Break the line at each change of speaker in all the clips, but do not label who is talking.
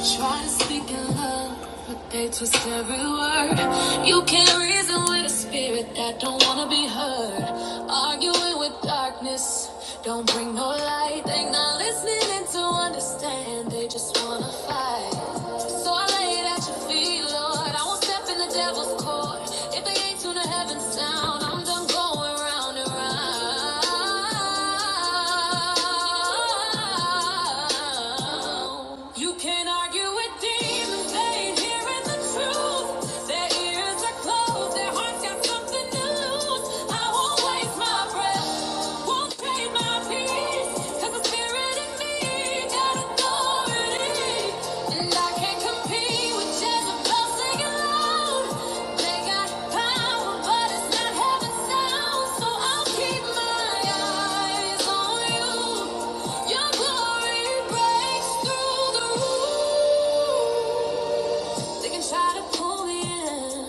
Try to speak in love, but they twist every word. You can't reason with a spirit that don't wanna be heard. Arguing with darkness, don't bring no light. They are not listening to understand, they just wanna fight. So I lay it at your feet, Lord. I won't step in the devil's court. If they ain't Tune the heavens down. I'm done going round and round. You can argue with demons. They ain't hearing the truth. Their ears are closed. Their hearts got something to lose. I won't waste my breath. Won't trade my peace. Your glory breaks through the roof. They can try to pull me in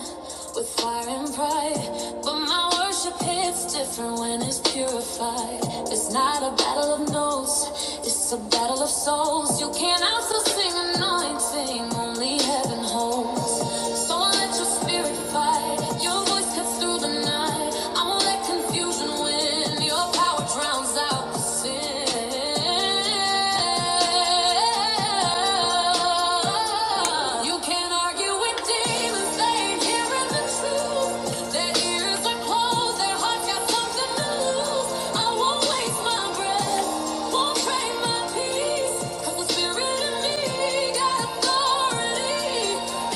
with fire and pride, but my worship hits different when it's purified. It's not a battle of notes, it's a battle of souls. You can't also sing anointing, only heaven holds. So I'll let your spirit fight, your voice cuts through the night. I won't let confusion win, your power drowns out the sin. You can't argue with demons, they ain't hearing the truth. Their ears are closed, their hearts got something to lose. I won't waste my breath, won't trade my peace. 'Cause the spirit in me got authority.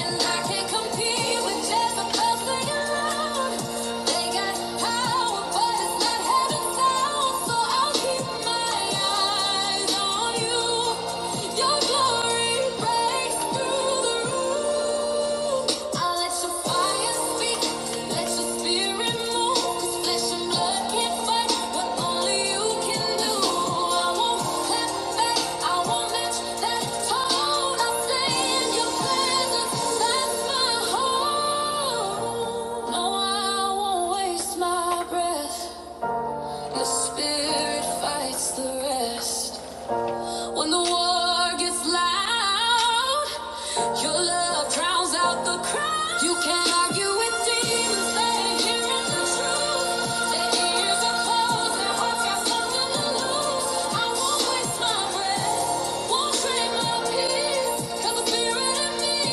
And I can't compete with Jezebel's singing loud. They got power, but it's not heaven's sound. So I'll keep my no, I won't waste my breath. Your spirit fights the rest. When the war gets loud, your love drowns out the crowd. You can't argue with demons, they're hearing the truth. Their ears are closed, their hearts got something to lose. I won't waste my breath, won't trade my peace, 'cause the spirit in me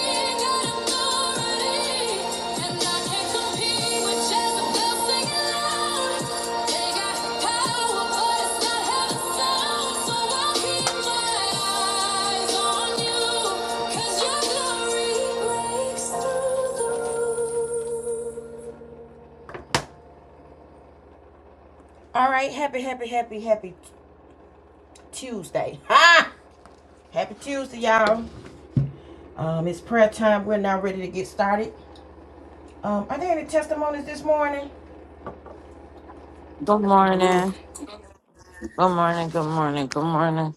all right, happy, happy, happy, happy Tuesday. Ha! Happy Tuesday, y'all. Um, it's prayer time. We're now ready to get started. Um, are there any testimonies this morning?
Good morning. Good morning. Good morning. Good morning.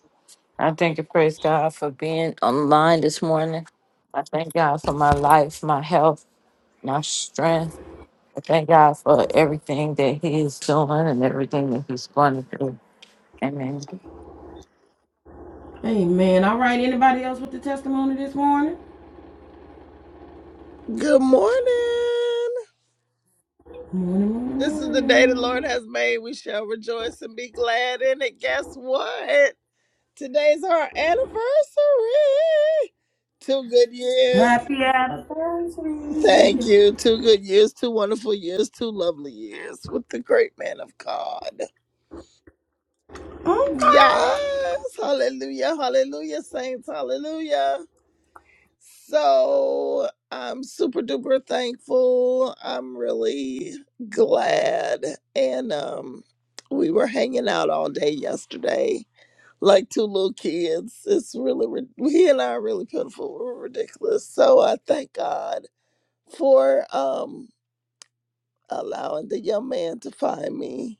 I thank and praise God for being online this morning. I thank God for my life, my health, my strength. I thank God for everything that He is doing and everything that He's going to do. Amen.
Amen. All right. Anybody else with the testimony this morning?
Good morning.
Morning, morning,
This is the day the Lord
morning.
has made. We shall rejoice and be glad in it. Guess what? Today's our anniversary. Two good years.
Happy
Thank
anniversary.
you. Two good years, two wonderful years, two lovely years with the great man of God. Yes.
Okay.
Hallelujah. Hallelujah, saints. Hallelujah. So I'm super duper thankful. I'm really glad. And um we were hanging out all day yesterday, like two little kids. It's really rid- he and I are really pitiful. We're ridiculous. So I thank God for um allowing the young man to find me.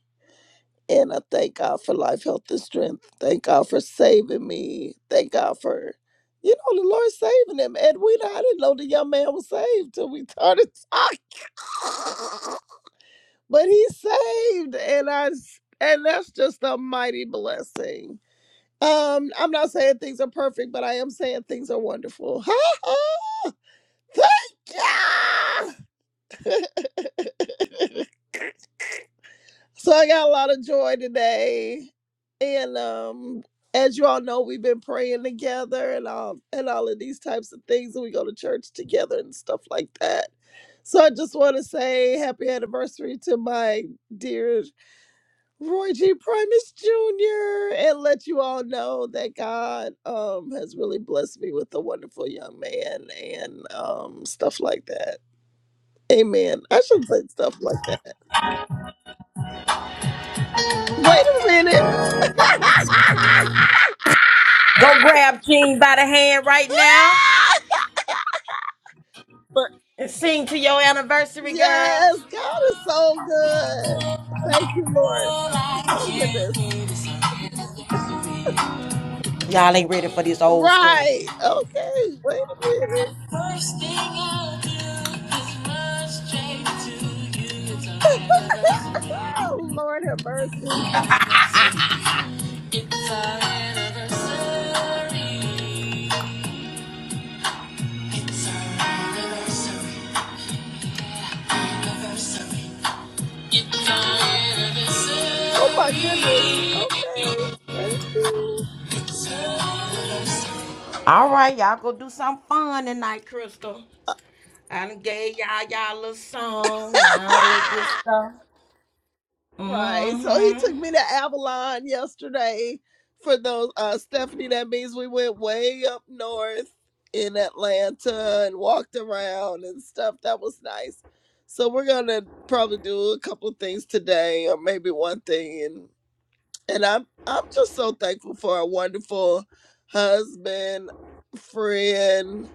And I thank God for life, health, and strength. Thank God for saving me. Thank God for, you know, the Lord saving him. Edwina, I didn't know the young man was saved till we started talking. but he's saved, and I s- and that's just a mighty blessing. Um, I'm not saying things are perfect, but I am saying things are wonderful. Thank you. So I got a lot of joy today. And um as you all know, we've been praying together and um and all of these types of things and we go to church together and stuff like that. So I just want to say happy anniversary to my dear Roy G. Primus Jr. and let you all know that God um has really blessed me with a wonderful young man and um stuff like that. Amen. I should say stuff like that. Wait a minute.
Go grab Jean by the hand right now
But
and sing to your anniversary, girl.
yes, God is so good. Thank you, Lord. Oh goodness.
Y'all ain't ready for this old school.
Right. Okay. Wait a minute.
First thing I'll do is run straight to you. It's our anniversary.
Oh Lord have mercy.
It's our anniversary. It's our anniversary. Yeah, anniversary. It's our
Oh my
anniversary.
goodness. Okay. Thank you.
It's our anniversary. All right, y'all go do something fun tonight, Crystal. I done gave y'all y'all little song and all that good stuff.
Right. So he
Mm-hmm.
took me to Avalon yesterday for those uh Stephanie, that means we went way up north in Atlanta and walked around and stuff. That was nice. So we're gonna probably do a couple of things today or maybe one thing and and I'm I'm just so thankful for a wonderful husband, friend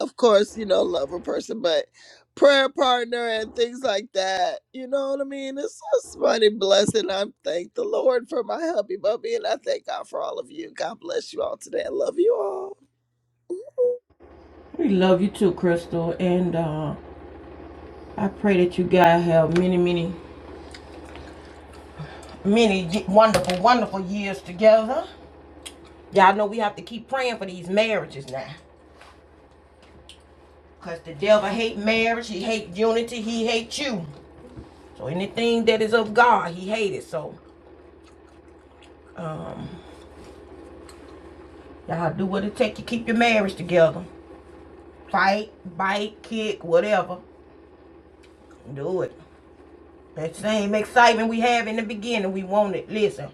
of course, you know, love a person, but prayer partner and things like that. You know what I mean? It's a mighty blessing. I thank the Lord for my hubby bubby, and I thank God for all of you. God bless you all today. I love you all.
We love you too, Crystal, and uh, I pray that you guys have many, many. many wonderful, wonderful years together. Y'all know we have to keep praying for these marriages now. Because the devil hate marriage, he hate unity, he hate you. So anything that is of God, he hate it. So um, y'all do what it take to keep your marriage together. Fight, bite, kick, whatever. Do it. That same excitement we have in the beginning, we want it. Listen,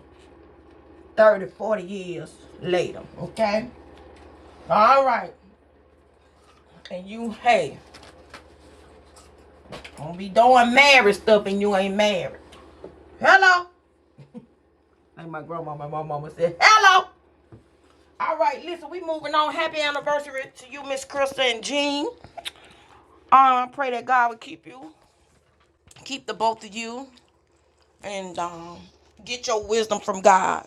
30, 40 years later, okay? All right. And you, hey, don't be doing marriage stuff and you ain't married. Hello? Like my grandma, my mama said, hello. All right, listen, we moving on. Happy anniversary to you, Miss Krista and Jean. Um, pray that God will keep you, keep the both of you, and um, get your wisdom from God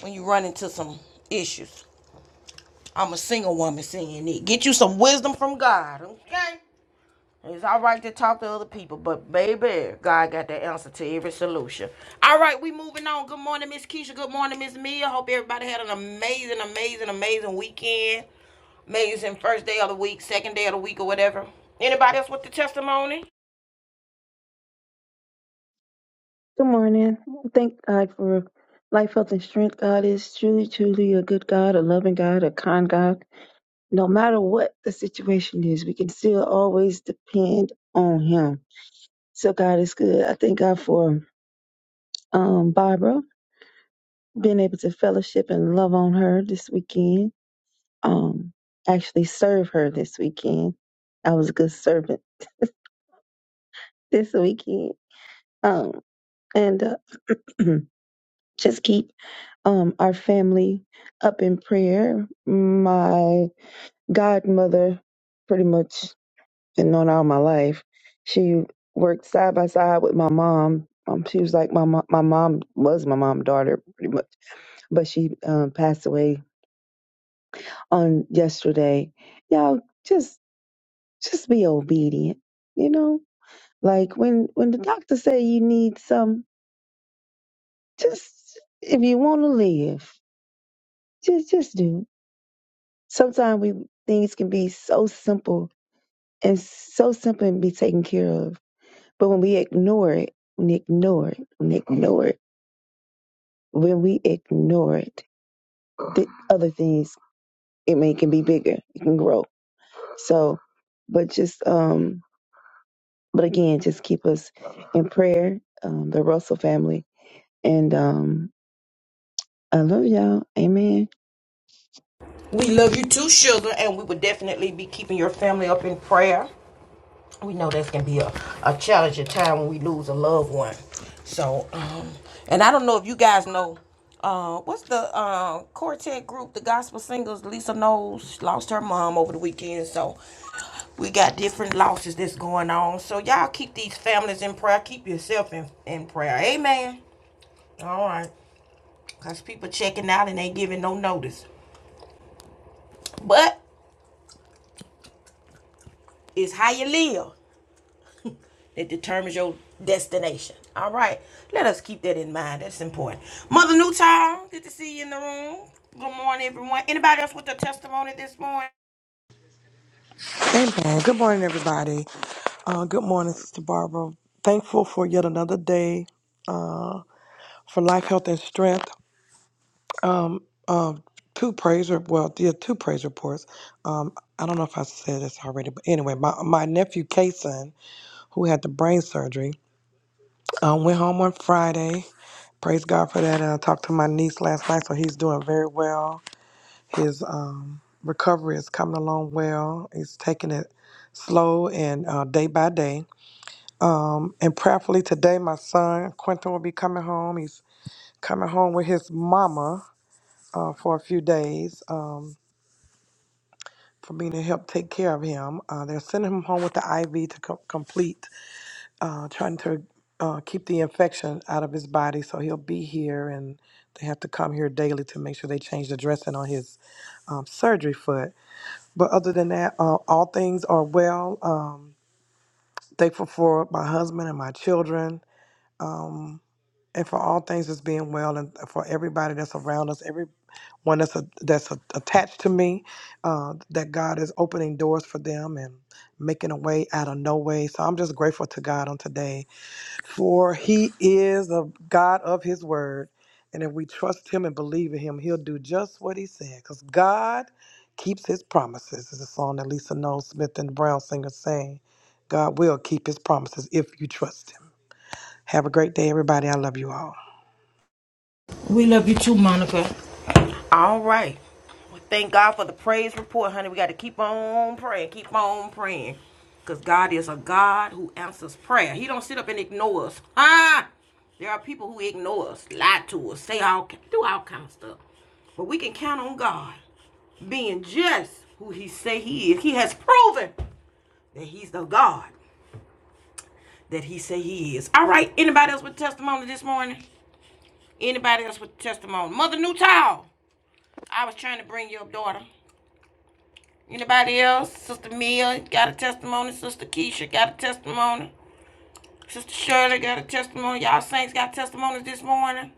when you run into some issues. I'm a single woman saying it. Get you some wisdom from God, okay? It's all right to talk to other people, but baby, God got the answer to every solution. All right, we moving on. Good morning, Miss Keisha. Good morning, Miss Mia. Hope everybody had an amazing, amazing, amazing weekend. Amazing first day of the week, second day of the week, or whatever. Anybody else with the testimony?
Good morning. Thank God for life, health, and strength. God is truly, truly a good God, a loving God, a kind God. No matter what the situation is, we can still always depend on Him. So God is good. I thank God for um, Barbara being able to fellowship and love on her this weekend. Um, actually serve her this weekend. I was a good servant this weekend. Um, and uh, just keep um, our family up in prayer. My godmother, pretty much, been known all my life. She worked side by side with my mom. Um, she was like my mom. My mom was my mom daughter, pretty much, but she um, passed away on yesterday. Y'all just just be obedient, you know. Like when when the doctor say you need some, just if you want to live, just just do it sometimes we things can be so simple and so simple and be taken care of. But when we ignore it, when we ignore it, when we ignore it, when we ignore it, the other things it may can be bigger. It can grow. So, but just um, but again, just keep us in prayer, um, the Russell family, and um, I love y'all. Amen.
We love you too, sugar, and we would definitely be keeping your family up in prayer. we know that can be a, a challenging time when we lose a loved one. So, um, and I don't know if you guys know, uh, what's the uh, quartet group, the gospel singers? Lisa knows lost her mom over the weekend, so we got different losses that's going on. So y'all keep these families in prayer. Keep yourself in, in prayer. Amen. All right, cause people checking out and ain't giving no notice, but it's how you live. It determines your destination. All right. Let us keep that in mind. That's important. Mother Newtown, good to see you in the room. Good morning, everyone. Anybody else with a testimony this morning?
Amen. Good morning, everybody. Uh, good morning, Sister Barbara. Thankful for yet another day uh, for life, health, and strength. Um, uh, two praise, re- well, yeah, two praise reports. Um, I don't know if I said this already, but anyway, my, my nephew Kason, who had the brain surgery, uh, went home on Friday. Praise God for that. And I talked to my niece last night, so he's doing very well. His um, recovery is coming along well. He's taking it slow and uh, day by day Um, and prayerfully today, my son Quentin will be coming home. He's coming home with his mama uh, for a few days um, for me to help take care of him. Uh, they're sending him home with the IV to co- complete, uh, trying to uh, keep the infection out of his body. So he'll be here, and they have to come here daily to make sure they change the dressing on his um, surgery foot. But other than that, uh, all things are well. Um, thankful for my husband and my children. Um, and for all things that's being well, and for everybody that's around us, everyone that's a, that's a, attached to me, uh, that God is opening doors for them and making a way out of no way. So I'm just grateful to God on today, for He is a God of His word, and if we trust Him and believe in Him, He'll do just what He said, because God keeps His promises. Is a song that Lisa Noel Smith and the Brown singers sang. God will keep His promises if you trust Him. Have a great day, everybody. I love you all.
We love you too, Monica. All right. Well, thank God for the praise report, honey. We got to keep on praying. Keep on praying. Because God is a God who answers prayer. He don't sit up and ignore us. Ah! There are people who ignore us, lie to us, say all, do all kind of stuff. But we can count on God. being just who he say he is. He has proven that he's the God that he say he is. All right, anybody else with testimony this morning? Anybody else with testimony? Mother Newtow, I was trying to bring your daughter. Anybody else? Sister Mia got a testimony. Sister Keisha got a testimony. Sister Shirley got a testimony. Y'all saints got testimonies this morning.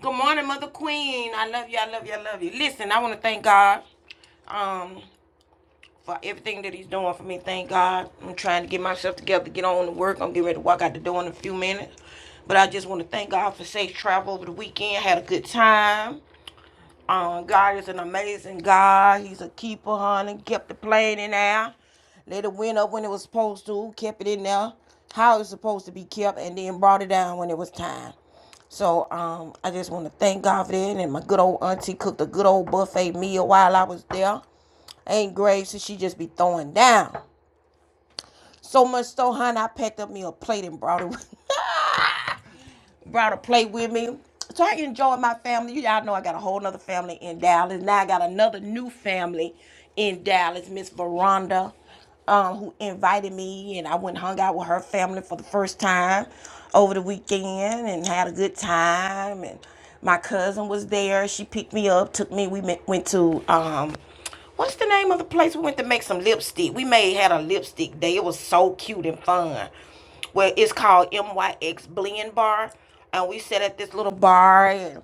Good morning, Mother Queen. I love you. I love you. I love you. Listen, I want to thank God. Um, for everything that he's doing for me. Thank God. I'm trying to get myself together, get on to work. I'm getting ready to walk out the door in a few minutes. But I just want to thank God for safe travel over the weekend. Had a good time. Um, God is an amazing God. He's a keeper, honey. Kept the plane in there. Let it wind up when it was supposed to. Kept it in there how it's supposed to be kept, and then brought it down when it was time. So um, I just want to thank God for that. And my good old auntie cooked a good old buffet meal while I was there. Ain't Graves, so she just be throwing down. So much so, honey, I packed up me a plate and brought it, brought a plate with me. So I enjoy my family. You all know I got a whole nother family in Dallas. Now I got another new family in Dallas, Miss Veranda, um, who invited me, and I went and hung out with her family for the first time over the weekend and had a good time. And my cousin was there. She picked me up, took me. We met, went to um, What's the name of the place we went to make some lipstick? We made had a lipstick day. It was so cute and fun. Well, it's called MYX Blend Bar, and we sat at this little bar and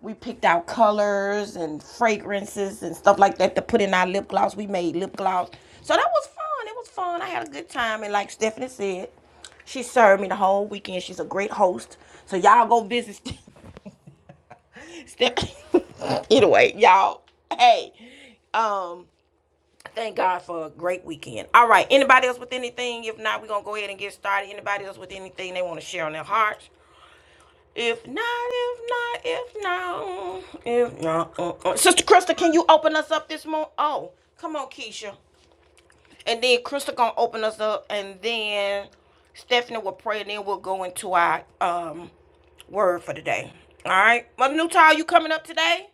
we picked out colors and fragrances and stuff like that to put in our lip gloss. We made lip gloss, so that was fun. It was fun. I had a good time, and like Stephanie said, she served me the whole weekend. She's a great host. So y'all go visit Stephanie. anyway, y'all. Hey, um, Thank God for a great weekend. All right. Anybody else with anything? If not, we're gonna go ahead and get started. Anybody else with anything they want to share on their hearts? If not, if not, if not, if not, uh, uh. Sister Krista, can you open us up this morning? Oh, come on, Keisha. And then Krista gonna open us up, and then Stephanie will pray, and then we'll go into our um word for today. All right, Mother Newtile, you coming up today?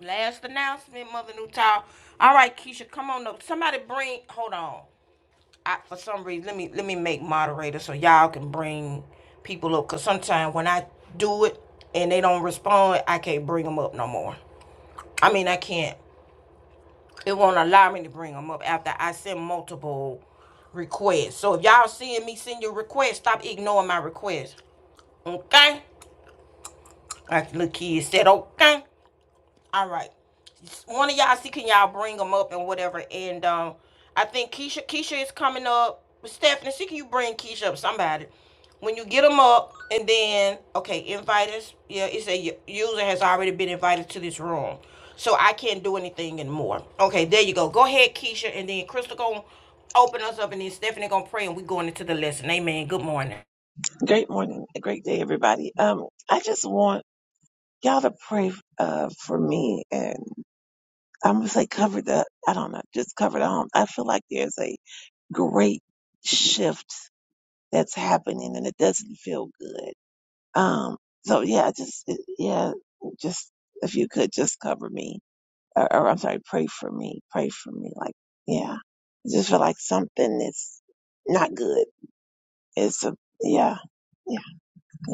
Last announcement, Mother Newtile. All right, Keisha, come on up. Somebody bring. Hold on. I for some reason let me let me make moderator so y'all can bring people up. Cause sometimes when I do it and they don't respond, I can't bring them up no more. I mean I can't. It won't allow me to bring them up after I send multiple requests. So if y'all seeing me send your request, stop ignoring my request. Okay? Like the little kid said, okay. All right. One of y'all see can y'all bring them up and whatever. And um, I think Keisha Keisha is coming up. Stephanie, see can you bring Keisha up? Somebody. When you get them up, and then okay, invite us. Yeah, it said user has already been invited to this room, so I can't do anything anymore. Okay, there you go. Go ahead, Keisha, and then Crystal gonna open us up, and then Stephanie gonna pray, and we going into the lesson. Amen. Good morning.
Great morning. A great day, everybody. Um, I just want y'all to pray uh for me and I'm gonna say cover the I don't know, just cover the home. I feel like there's a great shift that's happening and it doesn't feel good. Um so yeah, just uh, yeah, just if you could just cover me. Or, or I'm sorry, pray for me. Pray for me. Like, yeah. I just feel like something is not good. It's a yeah, yeah, yeah.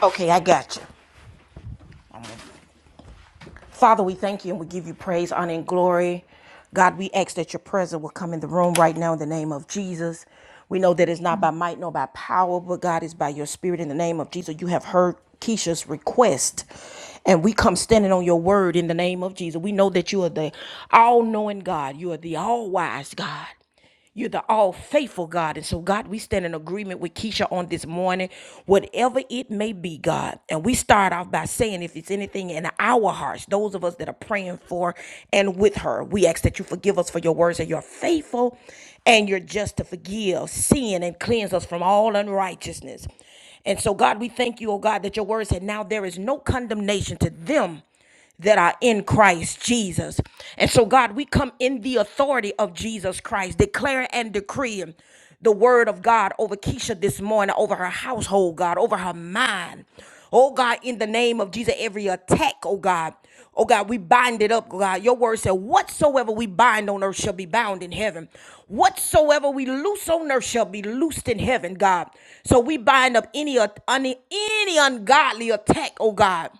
Okay, I got you. Father, we thank you and we give you praise, honor, and glory. God, we ask that your presence will come in the room right now in the name of Jesus. We know that it's not by might nor by power, but God is by your spirit in the name of Jesus. You have heard Keisha's request. And we come standing on your word in the name of Jesus. We know that you are the all knowing God. You are the all wise God. You're the all faithful God. And so, God, we stand in agreement with Keisha on this morning, whatever it may be, God. And we start off by saying, if it's anything in our hearts, those of us that are praying for and with her, we ask that you forgive us for your words and you're faithful and you're just to forgive sin and cleanse us from all unrighteousness. And so, God, we thank you, oh God, that your word said, now there is no condemnation to them that are in Christ Jesus. And so, God, we come in the authority of Jesus Christ, declaring and decreeing the word of God over Keisha this morning, over her household, God, over her mind. Oh God, in the name of Jesus, every attack, oh God, oh God, we bind it up, God. Your word said, Whatsoever we bind on earth shall be bound in heaven. Whatsoever we loose on earth shall be loosed in heaven, God. So we bind up any, any, any ungodly attack, oh God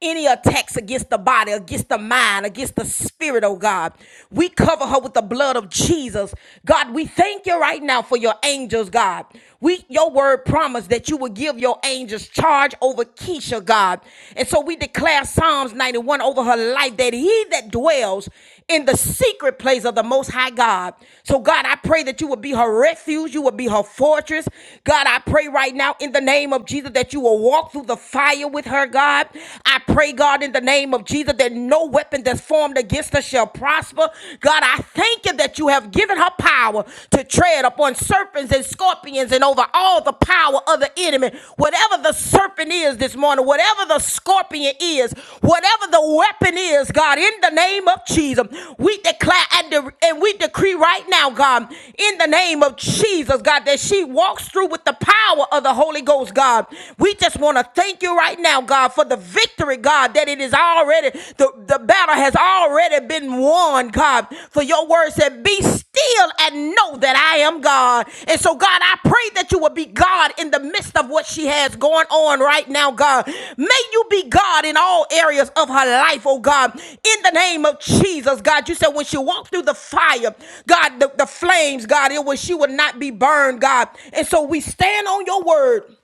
any attacks against the body, against the mind, against the spirit, oh God. We cover her with the blood of Jesus. God, we thank you right now for your angels, God. We your word promised that you would give your angels charge over Keisha, God. And so we declare Psalms 91 over her life that he that dwells in the secret place of the Most High God. So, God, I pray that you would be her refuge, you would be her fortress. God, I pray right now in the name of Jesus that you will walk through the fire with her, God. I pray, God, in the name of Jesus that no weapon that's formed against her shall prosper. God, I thank you that you have given her power to tread upon serpents and scorpions and over all the power of the enemy enemy, whatever the serpent is this morning, whatever the scorpion is, whatever the weapon is, God, in the name of Jesus, we declare and, de- and we decree right now, God, in the name of Jesus, God, that she walks through with the power of the Holy Ghost, God. We just want to thank you right now, God, for the victory, God, that it is already, the, the battle has already been won on God. For your word said, Be still and know that I am God. And so, God, I pray that you will be God in the midst of what she has going on right now, God. May you be God in all areas of her life, oh God. In the name of Jesus, God. You said when she walked through the fire, God, the, the flames, God, it was she would not be burned, God. And so we stand on your word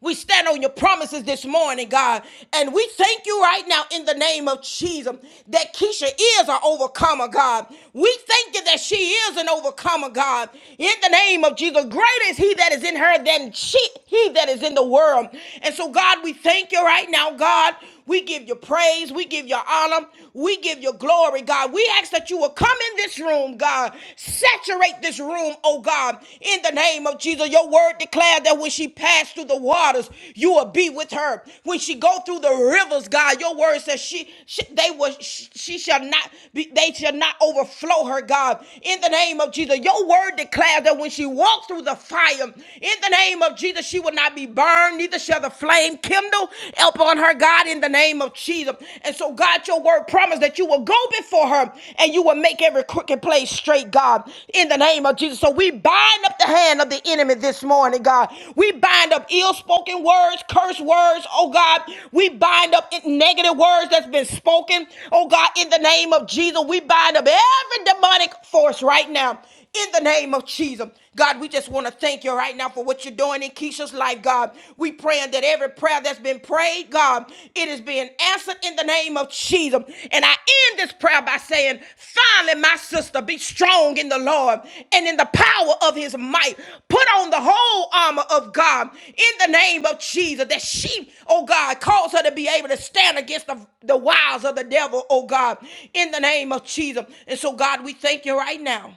we stand on your promises this morning, God. And we thank you right now in the name of Jesus that Keisha is an overcomer, God. We thank you that she is an overcomer, God. In the name of Jesus, greater is he that is in her than she, he that is in the world. And so, God, we thank you right now, God. We give you praise. We give you honor. We give you glory, God. We ask that you will come in this room, God. Saturate this room, oh God, in the name of Jesus. Your word declared that when she passed through the waters, you will be with her. When she go through the rivers, God, your word says she, she they will she, she shall not be they shall not overflow her, God. In the name of Jesus, your word declared that when she walked through the fire, in the name of Jesus, she will not be burned harm, neither shall the flame kindle upon her, God, in the name of Jesus. And so, God, your word promised that you will go before her and you will make every crooked place straight, God, in the name of Jesus. So, we bind up the hand of the enemy this morning, God. We bind up ill spoken words, curse words, oh God. We bind up negative words that's been spoken, oh God, in the name of Jesus. We bind up every demonic force right now in the name of Jesus. God, we just want to thank you right now for what you're doing in Keisha's life, God. We praying that every prayer that's been prayed, God, it is being answered in the name of Jesus. And I end this prayer by saying, finally, my sister, be strong in the Lord and in the power of his might. Put on the whole armor of God in the name of Jesus that she, oh God, calls her to be able to stand against the, the wiles of the devil, oh God, in the name of Jesus. And so, God, we thank you right now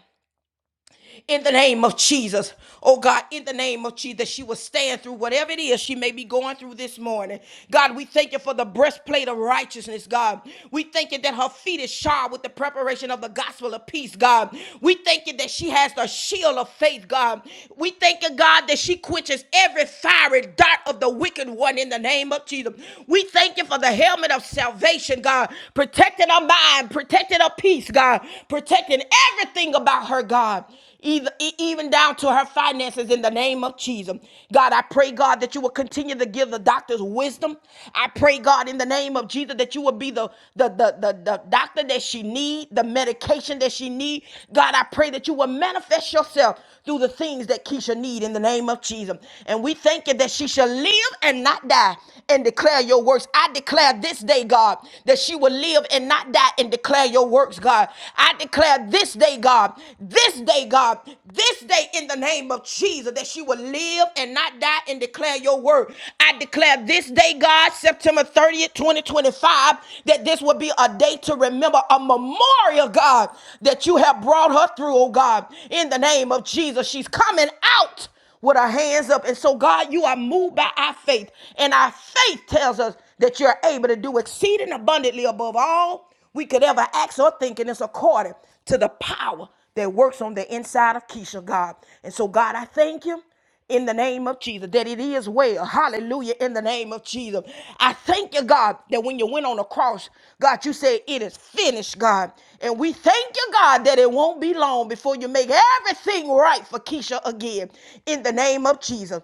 in the name of Jesus. Oh God, in the name of Jesus, she will stand through whatever it is she may be going through this morning. God, we thank you for the breastplate of righteousness, God. We thank you that her feet is shod with the preparation of the gospel of peace, God. We thank you that she has the shield of faith, God. We thank you, God, that she quenches every fiery dart of the wicked one in the name of Jesus. We thank you for the helmet of salvation, God, protecting her mind, protecting her peace, God, protecting everything about her, God either, e- even down to her finances in the name of Jesus. God, I pray, God, that you will continue to give the doctors wisdom. I pray, God, in the name of Jesus, that you will be the, the, the, the, the doctor that she need, the medication that she need. God, I pray that you will manifest yourself through the things that Keisha need in the name of Jesus. And we thank you that she shall live and not die and declare your works. I declare this day, God, that she will live and not die and declare declare your works, God. I declare this day, God, this day, God, this day in the name of Jesus that she will live and not die and declare your word. I declare this day, God, September 30th, 2025, that this will be a day to remember a memorial, God, that you have brought her through, oh God, in the name of Jesus. She's coming out with our hands up. And so, God, you are moved by our faith. And our faith tells us that you're able to do exceeding abundantly above all we could ever ask or think, and it's according to the power that works on the inside of Keisha, God. And so, God, I thank you in the name of Jesus that it is well. Hallelujah. In the name of Jesus. I thank you, God, that when you went on the cross, God, you said it is finished, God. And we thank you, God, that it won't be long before you make everything right for Keisha again. In the name of Jesus.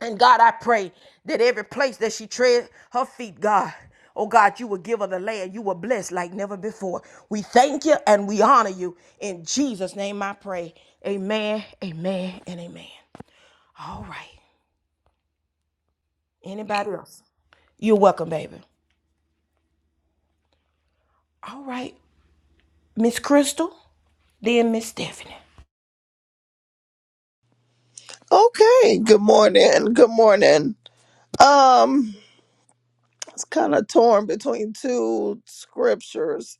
And God, I pray that every place that she tread her feet, God, oh God, you will give her the land. You will bless like never before. We thank you and we honor you. In Jesus' name I pray. Amen, amen, and amen. All right. Anybody else? You're welcome, baby. All right. Miss Crystal, then Miss Stephanie.
Okay, good morning. Good morning. Um, it's kind of torn between two scriptures.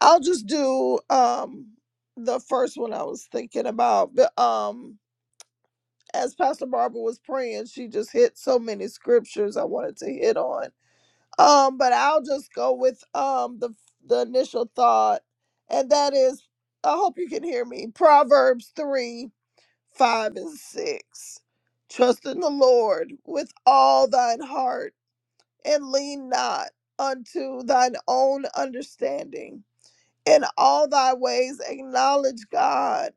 I'll just do um the first one I was thinking about. But um as Pastor Barbara was praying, she just hit so many scriptures I wanted to hit on. Um, but I'll just go with um the the initial thought, and that is, I hope you can hear me. Proverbs three, five, and six. Trust in the Lord with all thine heart, and lean not unto thine own understanding. In all thy ways acknowledge God,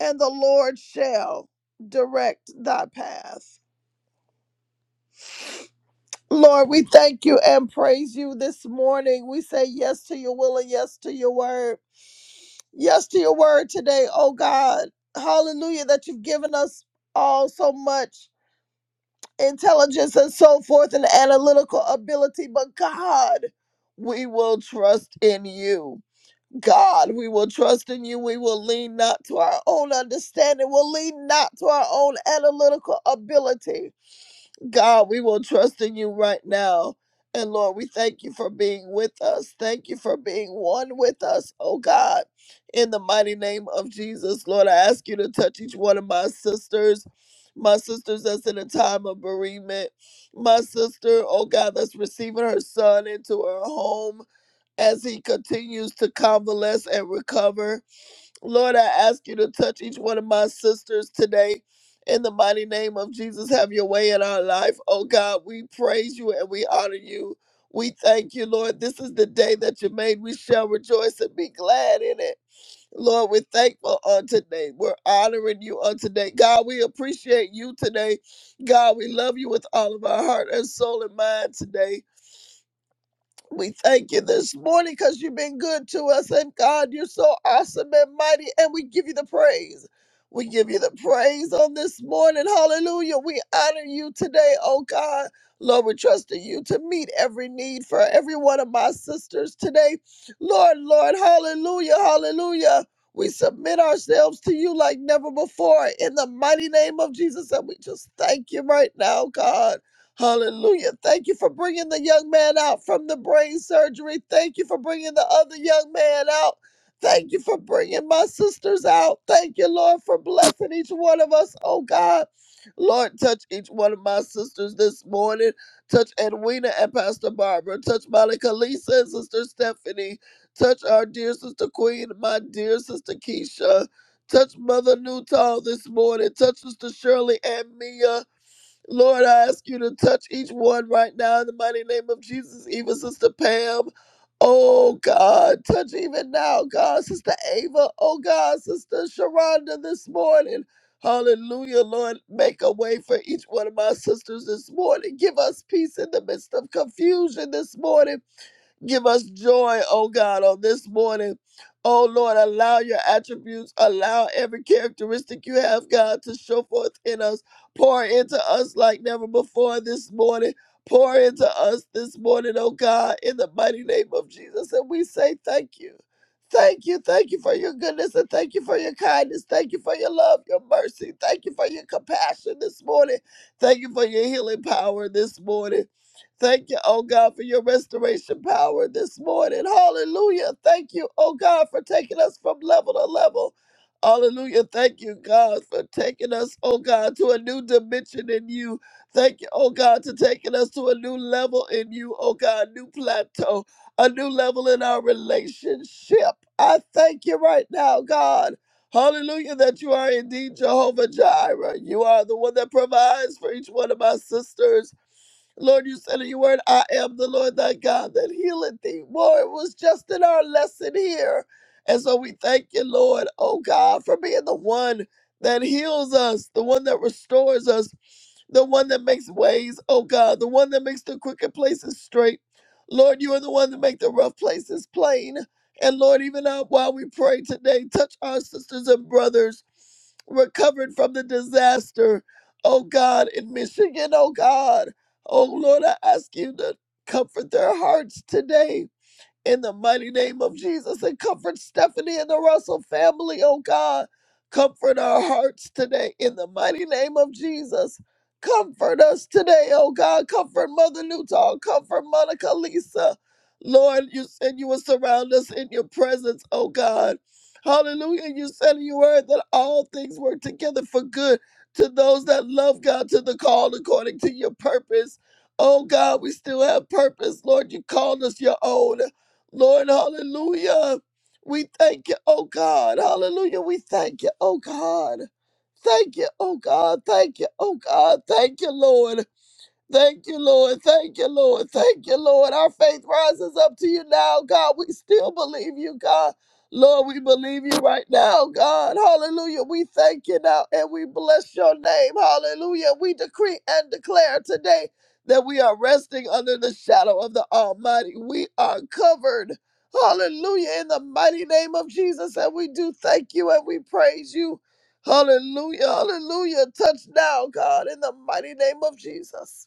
and the Lord shall direct thy path. Lord, we thank you and praise you this morning. We say yes to your will and yes to your word. Yes to your word today, oh God. Hallelujah, that you've given us all so much intelligence and so forth and analytical ability. But God, we will trust in you. God, we will trust in you. We will lean not to our own understanding. We'll lean not to our own analytical ability God, we will trust in you right now. And Lord, we thank you for being with us. Thank you for being one with us, oh God. In the mighty name of Jesus, Lord, I ask you to touch each one of my sisters, my sisters that's in a time of bereavement, my sister, oh God, that's receiving her son into her home as he continues to convalesce and recover. Lord, I ask you to touch each one of my sisters today. In the mighty name of Jesus, have your way in our life. Oh God, we praise you and we honor you. We thank you, Lord. This is the day that you made. We shall rejoice and be glad in it. Lord, we're thankful on today. We're honoring you on today. God, we appreciate you today. God, we love you with all of our heart and soul and mind today. We thank you this morning because you've been good to us. And God, you're so awesome and mighty. And we give you the praise. We give you the praise on this morning. Hallelujah. We honor you today, oh God. Lord, we trust in you to meet every need for every one of my sisters today. Lord, Lord, hallelujah, hallelujah. We submit ourselves to you like never before in the mighty name of Jesus. And we just thank you right now, God. Hallelujah. Thank you for bringing the young man out from the brain surgery. Thank you for bringing the other young man out. Thank you for bringing my sisters out. Thank you, Lord, for blessing each one of us. Oh, God. Lord, touch each one of my sisters this morning. Touch Edwina and Pastor Barbara. Touch Monica Lisa and Sister Stephanie. Touch our dear Sister Queen, my dear Sister Keisha. Touch Mother Newtall this morning. Touch Sister Shirley and Mia. Lord, I ask you to touch each one right now in the mighty name of Jesus, even Sister Pam. Oh God, touch even now, God, Sister Ava. Oh God, Sister Sharonda this morning. Hallelujah, Lord. Make a way for each one of my sisters this morning. Give us peace in the midst of confusion this morning. Give us joy, oh God, on this morning. Oh Lord, allow your attributes, allow every characteristic you have, God, to show forth in us. Pour into us like never before this morning. Pour into us this morning, oh God, in the mighty name of Jesus. And we say thank you. Thank you. Thank you for your goodness and thank you for your kindness. Thank you for your love, your mercy. Thank you for your compassion this morning. Thank you for your healing power this morning. Thank you, oh God, for your restoration power this morning. Hallelujah. Thank you, oh God, for taking us from level to level. Hallelujah. Thank you, God, for taking us, oh God, to a new dimension in you. Thank you, oh God, to taking us to a new level in you, oh God, new plateau, a new level in our relationship. I thank you right now, God. Hallelujah, that you are indeed Jehovah Jireh. You are the one that provides for each one of my sisters. Lord, you said in your word, I am the Lord thy God that healeth thee. Boy, it was just in our lesson here. And so we thank you, Lord, oh God, for being the one that heals us, the one that restores us, the one that makes ways, oh God, the one that makes the crooked places straight. Lord, you are the one that make the rough places plain. And Lord, even now while we pray today, touch our sisters and brothers recovered from the disaster, oh God, in Michigan, oh God. Oh Lord, I ask you to comfort their hearts today in the mighty name of Jesus and comfort Stephanie and the Russell family, oh God. Comfort our hearts today in the mighty name of Jesus. Comfort us today, oh God. Comfort Mother Newton. Comfort Monica Lisa. Lord, you said you would surround us in your presence, oh God. Hallelujah. You said in your word that all things work together for good to those that love God, to the called according to your purpose. Oh God, we still have purpose. Lord, you called us your own. Lord, hallelujah. We thank you, oh God. Hallelujah. We thank you, oh God. Thank you, oh God. Thank you, oh God. Thank you, Lord. Thank you, Lord. Thank you, Lord. Thank you, Lord. Our faith rises up to you now, God. We still believe you, God. Lord, we believe you right now, God. Hallelujah. We thank you now and we bless your name. Hallelujah. We decree and declare today that we are resting under the shadow of the Almighty. We are covered. Hallelujah. In the mighty name of Jesus. And we do thank you and we praise you. Hallelujah. Hallelujah. Touch now, God, in the mighty name of Jesus.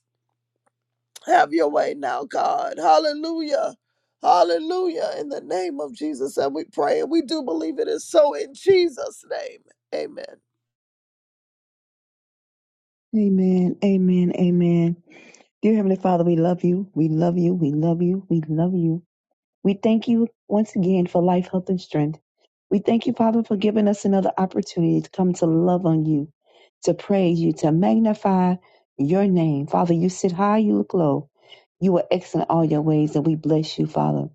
Have your way now, God. Hallelujah. Hallelujah. In the name of Jesus. And we pray and we do believe it is so in Jesus' name. Amen.
Amen. Amen. Amen. Dear Heavenly Father, we love you. We love you. We love you. We love you. We thank you once again for life, health, and strength. We thank you, Father, for giving us another opportunity to come to love on you, to praise you, to magnify your name. Father, you sit high, you look low. You are excellent all your ways, and we bless you, Father.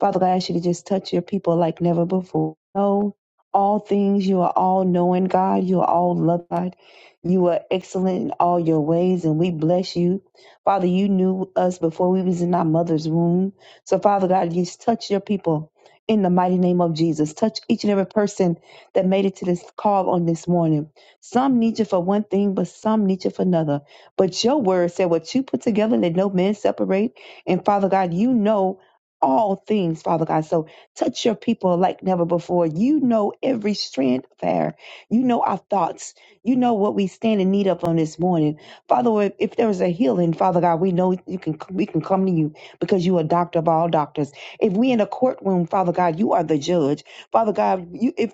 Father, I ask you to just touch your people like never before. Know all things. You are all knowing, God. You are all loved, God. You are excellent in all your ways, and we bless you. Father, you knew us before we was in our mother's womb. So, Father God, you touch your people in the mighty name of Jesus. Touch each and every person that made it to this call on this morning. Some need you for one thing, but some need you for another. But your word said, What you put together, let no man separate. And Father God, you know all things, Father God. So touch your people like never before. You know every strand of hair. You know our thoughts. You know what we stand in need of on this morning. Father, if if there is a healing, Father God, we know you can we can come to you because you are doctor of all doctors. If we in a courtroom, Father God, you are the judge. Father God, you if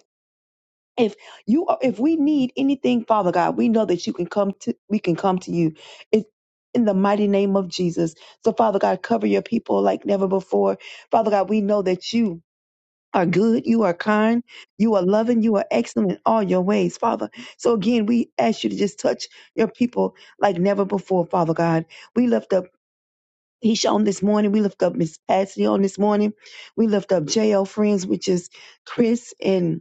if you are, if we need anything, Father God, we know that you can come to we can come to you. It, in the mighty name of Jesus. So Father God, cover your people like never before. Father God, we know that you are good, you are kind, you are loving, you are excellent in all your ways, Father. So again, we ask you to just touch your people like never before, Father God. We lift up He's on this morning. We lift up Miss Patsy on this morning. We lift up JL Friends, which is Chris and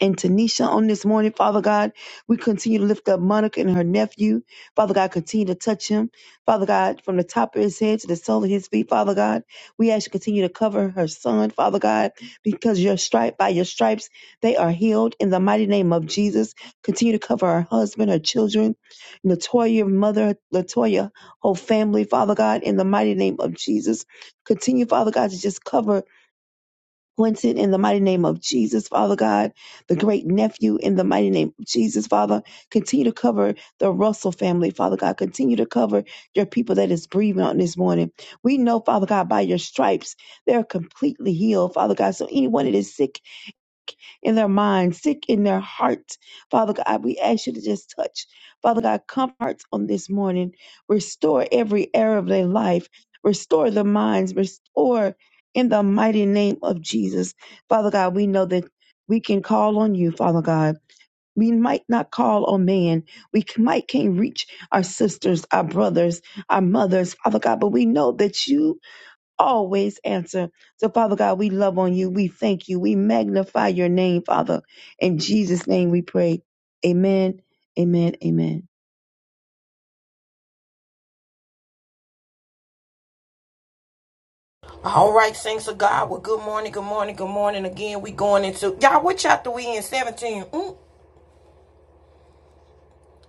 and Tanisha on this morning, Father God. We continue to lift up Monica and her nephew. Father God, continue to touch him. Father God, from the top of his head to the sole of his feet, Father God. We ask you to continue to cover her son, Father God, because your stripe by your stripes, they are healed in the mighty name of Jesus. Continue to cover her husband, her children, Latoya, mother, Latoya, whole family, Father God, in the mighty name of Jesus. Continue, Father God, to just cover Quentin, in the mighty name of Jesus, Father God, the great nephew, in the mighty name of Jesus, Father, continue to cover the Russell family, Father God. Continue to cover your people that is breathing on this morning. We know, Father God, by your stripes, they're completely healed, Father God. So anyone that is sick in their mind, sick in their heart. Father God, we ask you to just touch. Father God, comfort hearts on this morning. Restore every area of their life. Restore the minds. Restore in the mighty name of Jesus. Father God, we know that we can call on you, Father God. We might not call on man. We c- might can't reach our sisters, our brothers, our mothers, Father God, but we know that you always answer. So, Father God, we love on you. We thank you. We magnify your name, Father. In Jesus' name we pray. Amen. Amen. Amen.
All right, saints of God. Well, good morning, good morning, good morning. Again, we going into y'all. What chapter we in? Seventeen. Mm.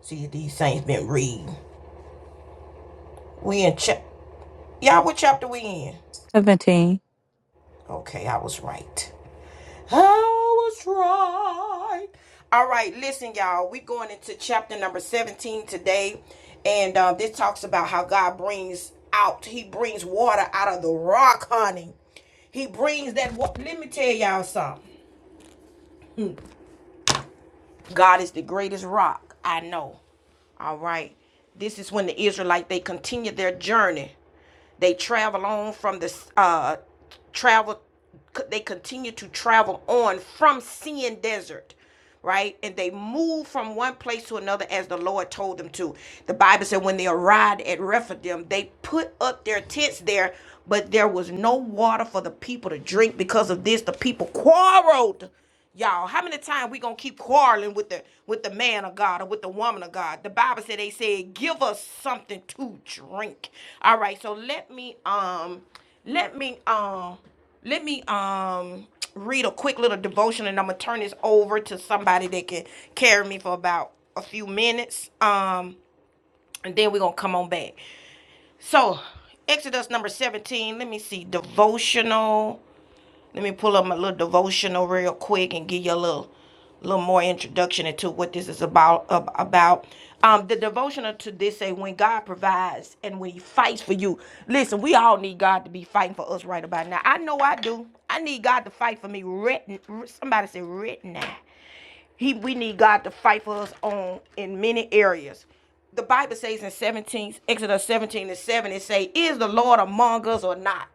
See, these saints been reading. We in chapter. Y'all, what chapter we in?
17.
Okay, I was right. I was right. All right, listen, y'all. we going into chapter number 17 today. And uh, this talks about how God brings out, He brings water out of the rock, honey. He brings that water. Let me tell y'all something. God is the greatest rock I know. All right. This is when the Israelite they continue their journey. They travel on from the uh travel they continue to travel on from Sin Desert, right? And they move from one place to another as the Lord told them to. The Bible said when they arrived at Rephidim, they put up their tents there, but there was no water for the people to drink because of this. The people quarreled Y'all, how many times we gonna keep quarreling with the with the man of God or with the woman of God? The Bible said they said, give us something to drink. All right, so let me um let me um let me um read a quick little devotion and I'm gonna turn this over to somebody that can carry me for about a few minutes. Um and then we're gonna come on back. So Exodus number 17, let me see, devotional. Let me pull up my little devotional real quick and give you a little little more introduction into what this is about ab- about um the devotional to this say when god provides and when he fights for you listen we all need god to be fighting for us right about now i know i do i need god to fight for me right somebody say right now he we need God to fight for us on in many areas. The Bible says in 17, Exodus 17 and 7, it say, Is the Lord among us or not?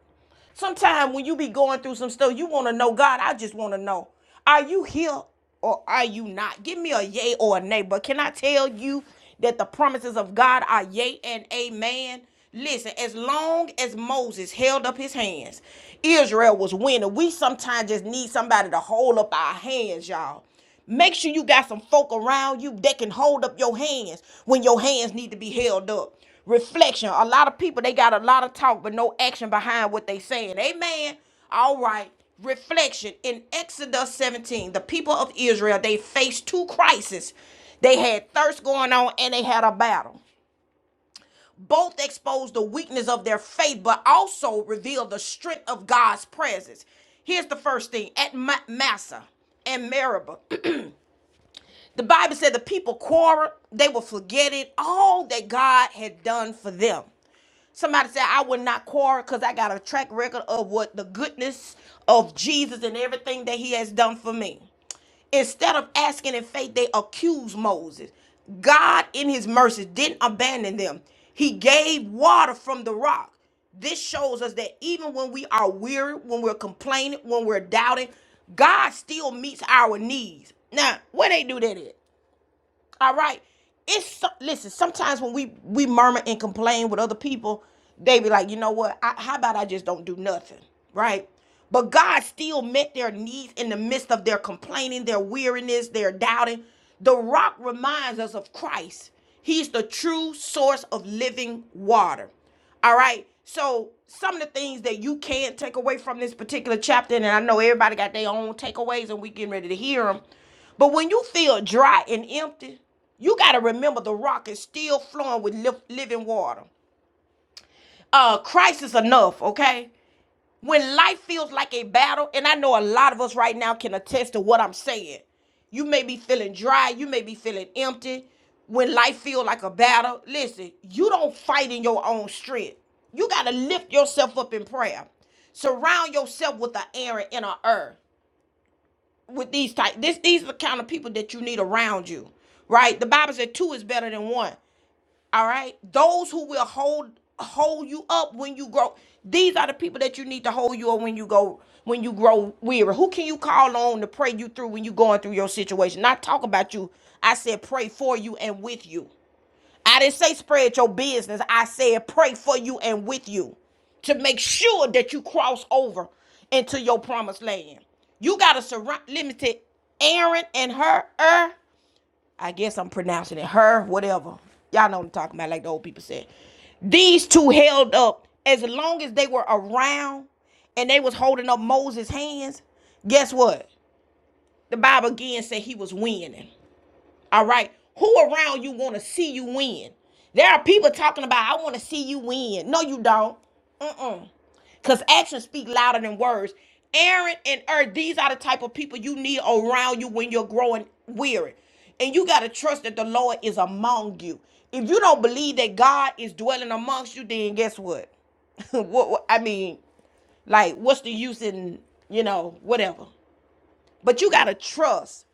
Sometimes when you be going through some stuff, you want to know God. I just want to know, are you here or are you not? Give me a yay or a nay. But can I tell you that the promises of God are yay and amen? Listen, as long as Moses held up his hands, Israel was winning. We sometimes just need somebody to hold up our hands, y'all. Make sure you got some folk around you that can hold up your hands when your hands need to be held up. Reflection. A lot of people they got a lot of talk but no action behind what they saying. Amen. All right. Reflection in Exodus 17, the people of Israel they faced two crises. They had thirst going on and they had a battle. Both exposed the weakness of their faith, but also revealed the strength of God's presence. Here's the first thing at Massa and Meribah. The Bible said the people quarreled, they were forgetting all that God had done for them. Somebody said, I would not quarrel because I got a track record of what the goodness of Jesus and everything that he has done for me. Instead of asking in faith, they accused Moses. God, in his mercy, didn't abandon them, he gave water from the rock. This shows us that even when we are weary, when we're complaining, when we're doubting, God still meets our needs. Now, where they do that at? All right. It's so, listen. Sometimes when we we murmur and complain with other people, they be like, you know what? I, how about I just don't do nothing, right? But God still met their needs in the midst of their complaining, their weariness, their doubting. The rock reminds us of Christ. He's the true source of living water. All right. So some of the things that you can take away from this particular chapter, and I know everybody got their own takeaways, and we getting ready to hear them. But when you feel dry and empty, you got to remember the rock is still flowing with li- living water. Uh, Christ is enough. Okay. When life feels like a battle, and I know a lot of us right now can attest to what I'm saying. You may be feeling dry, you may be feeling empty. When life feels like a battle, listen, you don't fight in your own strength. You got to lift yourself up in prayer. Surround yourself with an Aaron and an Ur. With these type, this these are the kind of people that you need around you, right? The Bible said two is better than one. All right. Those who will hold hold you up when you grow. These are the people that you need to hold you up when you go when you grow weary. Who can you call on to pray you through when you are going through your situation? Not talk about you. I said pray for you and with you. I didn't say spread your business. I said pray for you and with you to make sure that you cross over into your promised land. You gotta surround limited Aaron and her. er, I guess I'm pronouncing it her, whatever. Y'all know what I'm talking about, like the old people said. These two held up as long as they were around and they was holding up Moses' hands. Guess what? The Bible again said he was winning. All right. Who around you want to see you win? There are people talking about, I want to see you win. No, you don't. Mm-mm. Because actions speak louder than words. Aaron and Er, these are the type of people you need around you when you're growing weary. And you got to trust that the Lord is among you. If you don't believe that God is dwelling amongst you, then guess what? what, what I mean, like, what's the use in, you know, whatever? But you got to trust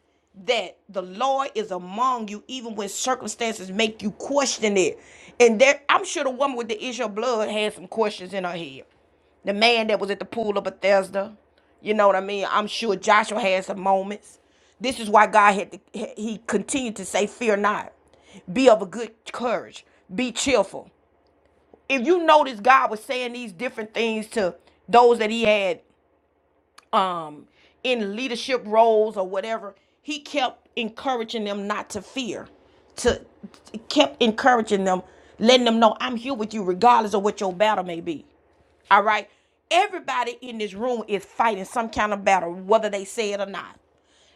that the Lord is among you, even when circumstances make you question it. And there, I'm sure the woman with the issue of blood had some questions in her head. The man that was at the pool of Bethesda, you know what I mean? I'm sure Joshua had some moments. This is why God had to, he continued to say, Fear not, be of a good courage, be cheerful. If you notice, God was saying these different things to those that he had um in leadership roles or whatever he kept encouraging them not to fear to kept encouraging them letting them know i'm here with you regardless of what your battle may be all right everybody in this room is fighting some kind of battle whether they say it or not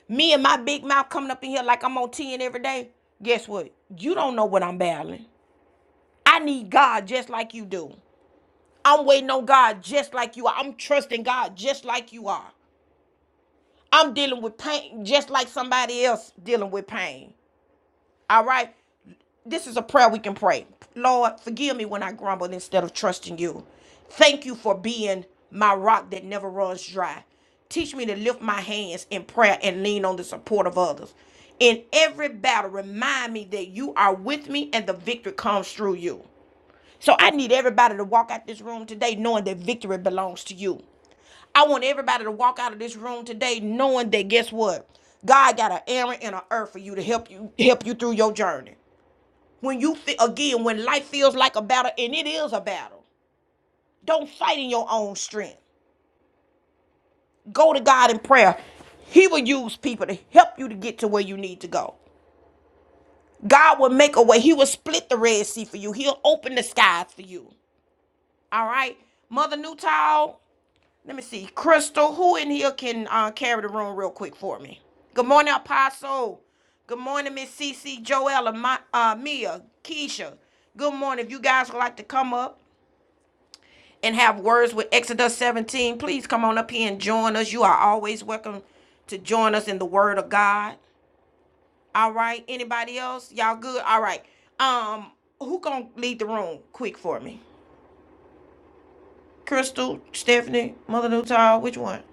me and my big mouth coming up in here like i'm on 10 every day guess what you don't know what i'm battling i need god just like you do i'm waiting on god just like you are i'm trusting god just like you are I'm dealing with pain just like somebody else dealing with pain. All right? This is a prayer we can pray. Lord, forgive me when I grumble instead of trusting you. Thank you for being my rock that never runs dry. Teach me to lift my hands in prayer and lean on the support of others. In every battle, remind me that you are with me and the victory comes through you. So I need everybody to walk out this room today knowing that victory belongs to you. I want everybody to walk out of this room today knowing that guess what? God got an Aaron and an earth for you to help you help you through your journey. When you again, when life feels like a battle, and it is a battle, don't fight in your own strength. Go to God in prayer. He will use people to help you to get to where you need to go. God will make a way. He will split the Red Sea for you. He'll open the skies for you. All right, Mother Newtall. Let me see. Crystal, who in here can uh, carry the room real quick for me? Good morning, Apostle. Good morning, Miss CC, Joella, my, uh, Mia, Keisha. Good morning. If you guys would like to come up and have words with Exodus 17, please come on up here and join us. You are always welcome to join us in the Word of God. All right. Anybody else? Y'all good? All right. Um, who gonna lead the room quick for me? Crystal, Stephanie, Mother Newtile, which one?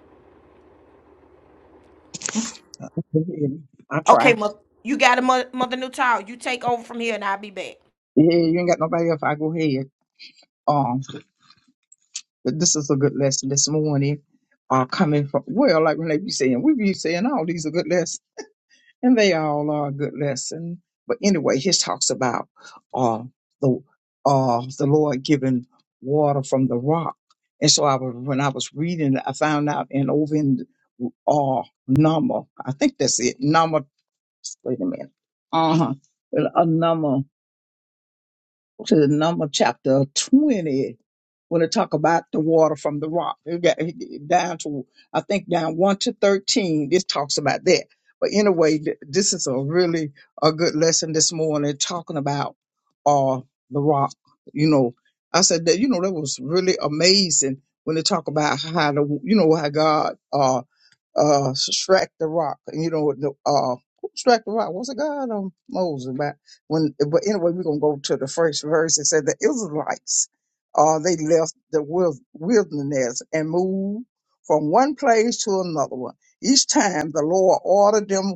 I
Okay,
try.
mo- you got a mother, mother Newtown. You take over from here, and I'll be back.
Yeah, you ain't got nobody else. I go ahead. Um, but this is a good lesson this morning. Uh, coming from well, like Renee be saying, we be saying all these are good lessons, and they all are a good lesson. But anyway, he talks about uh the uh the Lord giving water from the rock, and so I was when I was reading, I found out and over in uh number, I think that's it, number. Wait a minute, uh-huh, uh huh, a number. to the number chapter 20 when it talk about the water from the rock it got it get down to i think down 1 to 13 this talks about that but anyway th- this is a really a good lesson this morning talking about uh the rock you know i said that you know that was really amazing when they talk about how the you know how god uh uh struck the rock you know the uh who struck the rock was it god or moses when but anyway we're going to go to the first verse it said the israelites uh, they left the wil- wilderness and moved from one place to another one each time the lord ordered them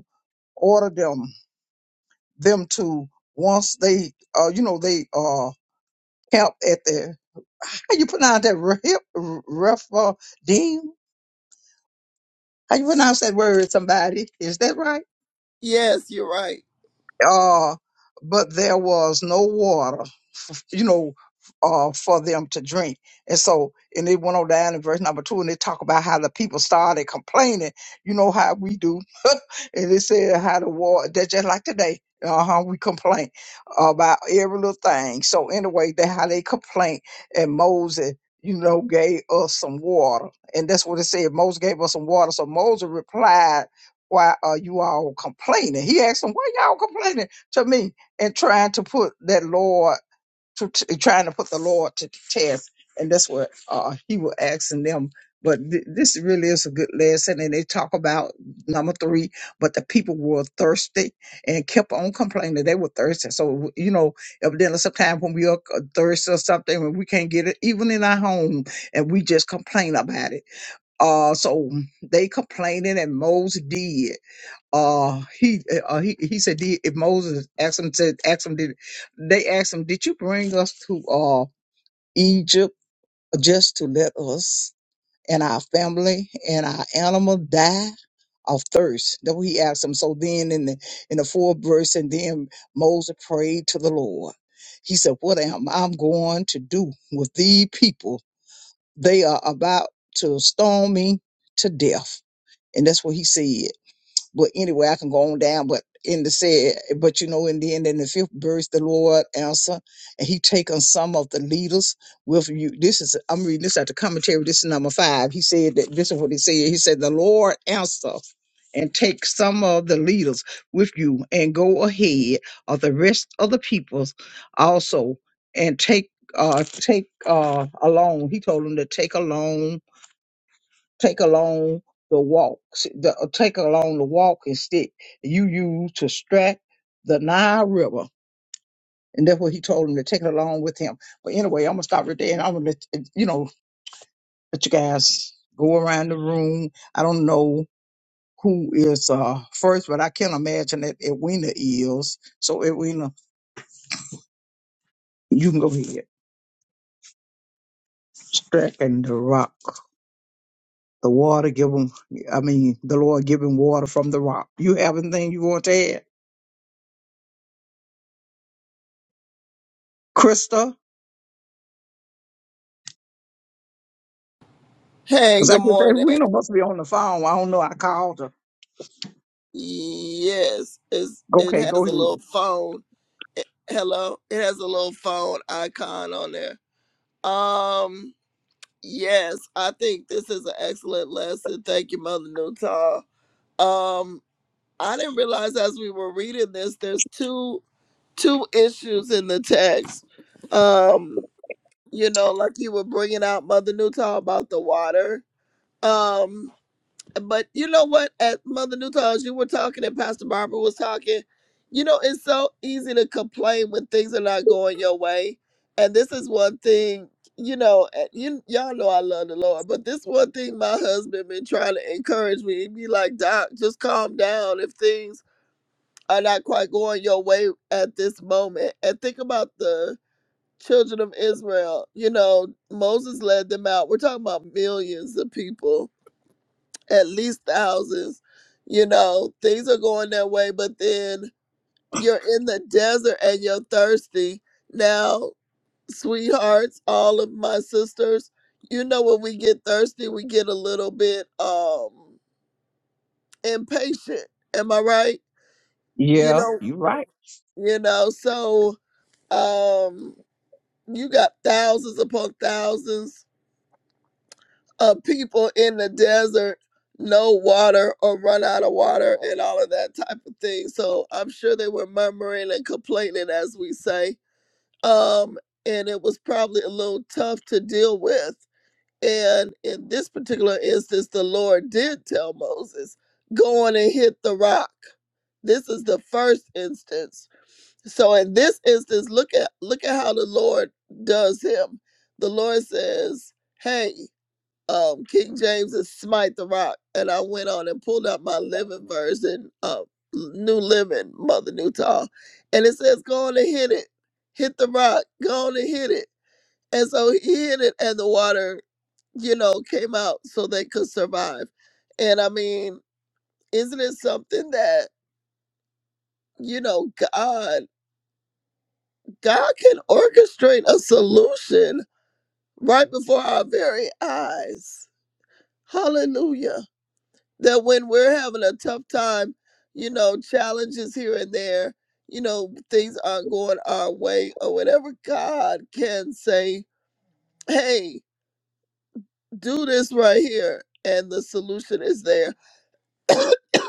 ordered them them to once they uh, you know they uh camped at the how you pronounce that Rep- Rephidim? how you pronounce that word somebody is that right
Yes, you're right.
uh, but there was no water, f- you know, uh, for them to drink. And so, and they went on down in verse number two, and they talk about how the people started complaining. You know how we do, and they said how the water. That's just like today. Uh huh. We complain about every little thing. So anyway, that how they complain, and Moses. You know, gave us some water, and that's what it said. Moses gave us some water. So Moses replied why are you all complaining? He asked them, why y'all complaining to me and trying to put that Lord to, to- trying to put the Lord to the test? And that's what uh, he was asking them. But th- this really is a good lesson. And they talk about number three, but the people were thirsty and kept on complaining. They were thirsty. So, you know, evidently sometimes when we are uh, thirsty or something and we can't get it, even in our home, and we just complain about it. Uh, so they complaining and Moses did uh he uh, he he said did, if Moses asked him to ask him did they asked him did you bring us to uh Egypt just to let us and our family and our animal die of thirst that he asked him so then in the in the fourth verse and then Moses prayed to the Lord he said what am I going to do with these people they are about to stone me to death and that's what he said but anyway, I can go on down, but in the said, but you know, in the end, in the fifth verse, the Lord answer, and he taken some of the leaders with you. This is, I'm reading this at the commentary. This is number five. He said that this is what he said. He said, the Lord answer and take some of the leaders with you and go ahead of the rest of the peoples also and take, uh, take, uh, along. He told them to take along take along the walk, the, uh, take along the walking stick you use to strike the Nile River. And that's what he told him to take it along with him. But anyway, I'm gonna stop right there, and I'm gonna let uh, you know let you guys go around the room. I don't know who is uh first, but I can imagine that Edwina is. So Edwina, you can go ahead. Striking the rock, the water. Give him. I mean, the Lord giving water from the rock. You have anything you want to add, Krista?
Hey,
Because I
good
just said,
morning.
we Reno must be on the phone. I don't know. I called her.
Yes, it's, it
Okay,
has
go
a
ahead.
little phone. Hello. It has a little phone icon on there. Um, yes, I think this is an excellent lesson. Thank you, Mother Newton. Um, I didn't realize as we were reading this, there's two. two issues in the text. Um, you know, like you were bringing out Mother Newtall about the water. Um, but you know what? At Mother Newtall, as you were talking and Pastor Barbara was talking, you know, it's so easy to complain when things are not going your way. And this is one thing, you know, and you, y'all know I love the Lord, but this one thing my husband been trying to encourage me. He be like, Doc, just calm down if things are not quite going your way at this moment. And think about the children of Israel. You know, Moses led them out. We're talking about millions of people, at least thousands. You know, things are going their way, but then you're in the desert and you're thirsty. Now, sweethearts, all of my sisters, you know, when we get thirsty, we get a little bit um impatient. Am I right? You
Yeah,
know,
you're right.
you know, so Um, you got thousands upon thousands of people in the desert, no water or run out of water and all of that type of thing. So I'm sure they were murmuring and complaining, as we say. Um, and it was probably a little tough to deal with. And in this particular instance, the Lord did tell Moses, go on and hit the rock. This is the first instance so in this instance, look at look at how the Lord does him. The Lord says, "Hey, um, King James is smite the rock," and I went on and pulled out my living version of New Living, Mother Newtall, and it says, "Go on and hit it, hit the rock, go on and hit it." And so he hit it, and the water, you know, came out so they could survive. And I mean, isn't it something that you know God? God can orchestrate a solution right before our very eyes. Hallelujah. That when we're having a tough time, you know, challenges here and there, you know, things aren't going our way or whatever, God can say, hey, do this right here. And the solution is there.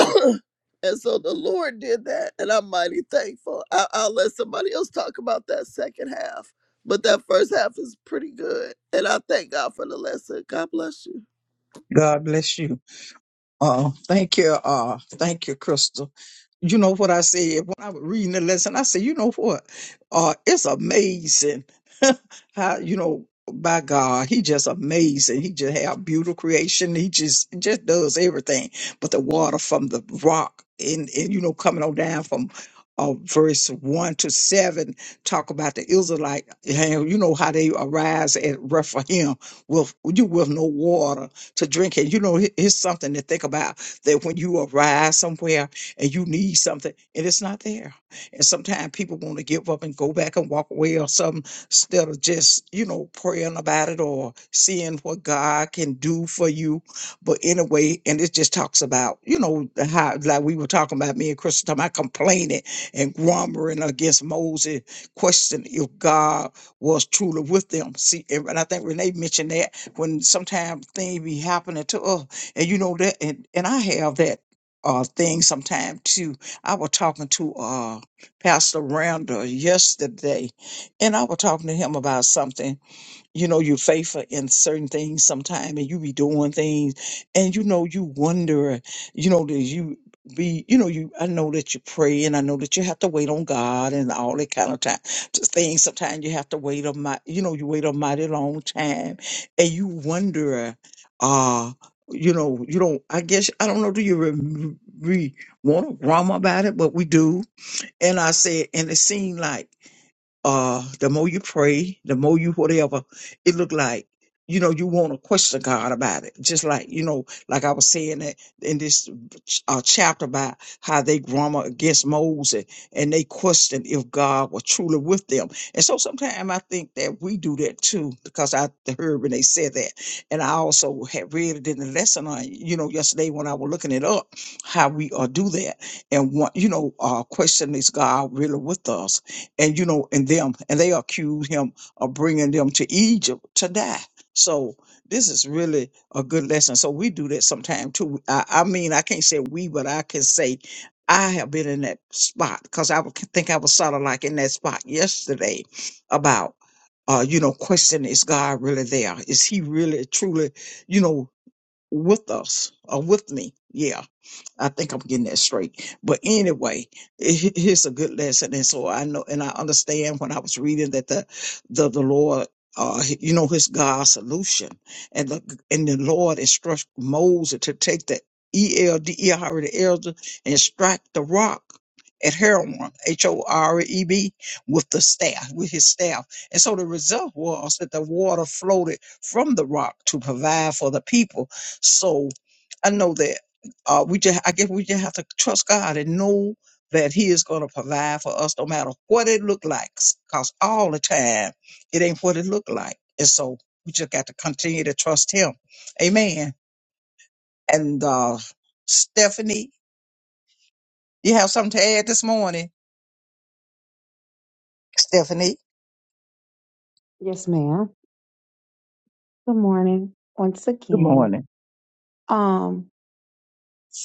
and so the Lord did that, and I'm mighty thankful. I, I'll let somebody else talk about that second half, but that first half is pretty good, and I thank God for the lesson. God bless you.
God bless you. Uh, thank you. Uh, thank you, Crystal. You know what I said when I was reading the lesson? I said, you know what? Uh, it's amazing how, you know, by God, he just amazing. He just have beautiful creation. He just, just does everything. But the water from the rock and, and you know, coming on down from uh, verse one to seven, talk about the Israelite, and you know how they arise at Rephaim with you with no water to drink. And you know, it- it's something to think about that when you arrive somewhere and you need something and it's not there. And sometimes people want to give up and go back and walk away or something instead of just, you know, praying about it or seeing what God can do for you. But anyway, and it just talks about, you know, the how, like we were talking about me and Chris, talking about complaining and grumbling against Moses, questioning if God was truly with them. See, and and I think Renee mentioned that when sometimes things be happening to us. And you know that and, and I have that uh thing sometime too. I was talking to uh Pastor Randall yesterday and I was talking to him about something you know you're faithful in certain things sometime and you be doing things and you know you wonder you know that you be you know you i know that you pray and i know that you have to wait on god and all that kind of time just things sometimes you have to wait a mi- you know you wait a mighty long time and you wonder uh you know you don't i guess i don't know do you re, re, want to grumble about it but we do and i said and it seemed like uh the more you pray the more you whatever it look like you know you want to question god about it just like you know like i was saying that in this uh, chapter about how they grumble against moses and they questioned if god was truly with them and so sometimes i think that we do that too because i heard when they said that and i also had read it in the lesson on you know yesterday when i was looking it up how we uh, do that and what you know uh question is god really with us and you know, and them, and they accuse him of bringing them to Egypt to die. So this is really a good lesson. So we do that sometime too. I, I mean, I can't say we, but I can say I have been in that spot because I would think I was sort of like in that spot yesterday about, uh, you know, questioning is God really there? Is He really truly, you know, with us or with me? Yeah. I think I'm getting that straight. But anyway, it, it's a good lesson, and so I know and I understand when I was reading that the the the Lord. Uh, you know his God's solution, and the and the Lord instructed Moses to take the E L D E R the elder and strike the rock at Horeb, H O R E B, with the staff, with his staff. And so the result was that the water floated from the rock to provide for the people. So I know that uh, we just I guess we just have to trust God and know that He is going to provide for us no matter what it look like. Cause all the time it ain't what it look like, and so we just got to continue to trust Him. Amen. And uh, Stephanie, you have something to add this morning, Stephanie.
Yes, ma'am. Good morning once
Good
again.
morning.
Um,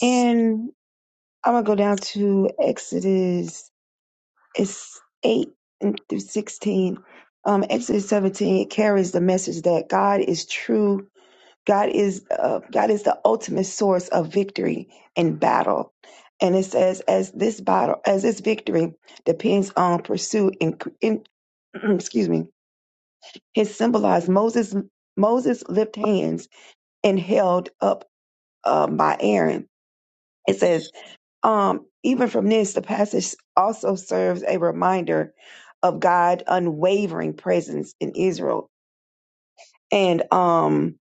and I'm gonna go down to Exodus it's eight and through sixteen. Um, Exodus 17, it carries the message that God is true God is uh, God is the ultimate source of victory in battle, and it says as this battle as this victory depends on pursuit and in, excuse me, His symbolized Moses Moses lift hands and held up um, by Aaron. It says um, even from this the passage also serves a reminder of God unwavering presence in Israel and um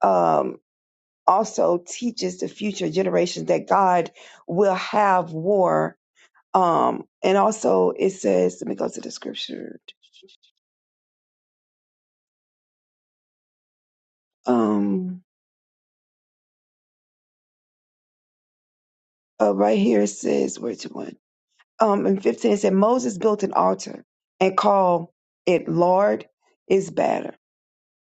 um also teaches the future generations that God will have war. Um, and also it says, let me go to the scripture. Um, uh, right here it says, where's it one? Um, in 15 it said, Moses built an altar and called it Lord is better.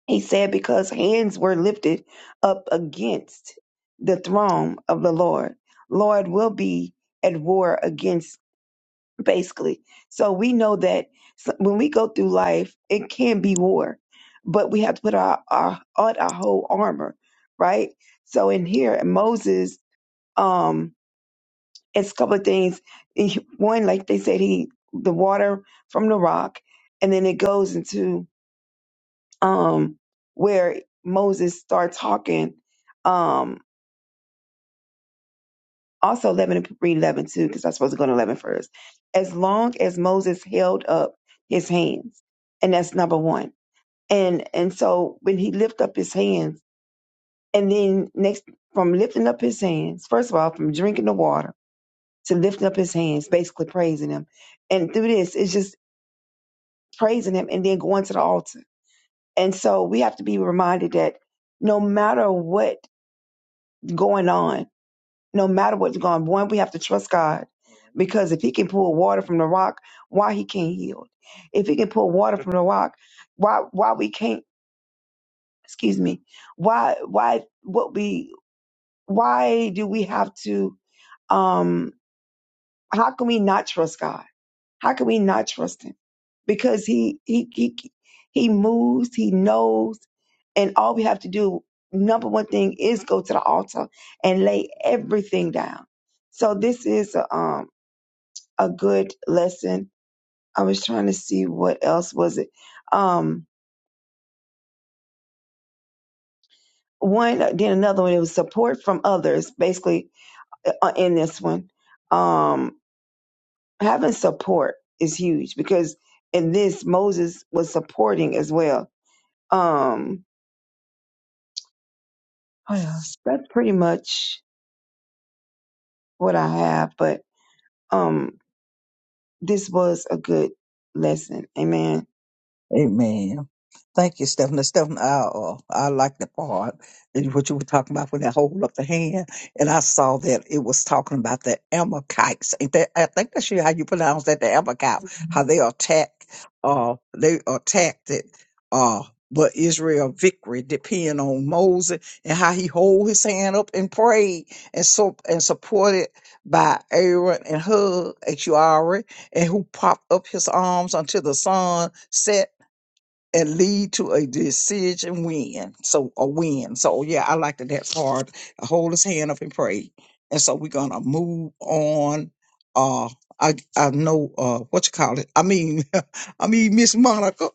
He said, because hands were lifted up against the throne of the Lord. Lord will be at war against basically. So we know that s- when we go through life, it can be war, but we have to put our, our on our whole armor, right? So in here, Moses, um, it's a couple of things. He- One, like they said, he the water from the rock, and then it goes into um where Moses starts talking. um, also 11 and read 11 too because i'm supposed to go to 11 first. as long as moses held up his hands and that's number one and and so when he lift up his hands and then next from lifting up his hands first of all from drinking the water to lifting up his hands basically praising him and through this it's just praising him and then going to the altar and so we have to be reminded that no matter what going on no matter what's going on, we have to trust God. Because if he can pull water from the rock, why he can't heal? If he can pull water from the rock, why why we can't excuse me, why why what we why do we have to um how can we not trust God? How can we not trust him? Because he he he he moves, he knows, and all we have to do, number one thing, is go to the altar and lay everything down. So this is a um a good lesson. I was trying to see what else was it. Um, one, then another one. It was support from others. Basically, uh, in this one, um, having support is huge because in this Moses was supporting as well. Um, what else? That's pretty much what I have. But um, this was a good lesson. Amen.
Amen. Thank you, Stephen. Now, Stephen, I, uh, I like the part that what you were talking about when that hold up the hand, and I saw that it was talking about the Amalekites. Ain't that, I think that's how you pronounce that, the Amalekites, how they attack, uh, they attacked it, uh, but Israel victory depend on Moses and how he hold his hand up and prayed and so and supported by Aaron and Hug, as and who propped up his arms until the sun set and lead to a decision win. So a win. So yeah, I liked that part. Hold his hand up and pray. And so we're gonna move on. Uh I I know uh what you call it. I mean I mean Miss Monica.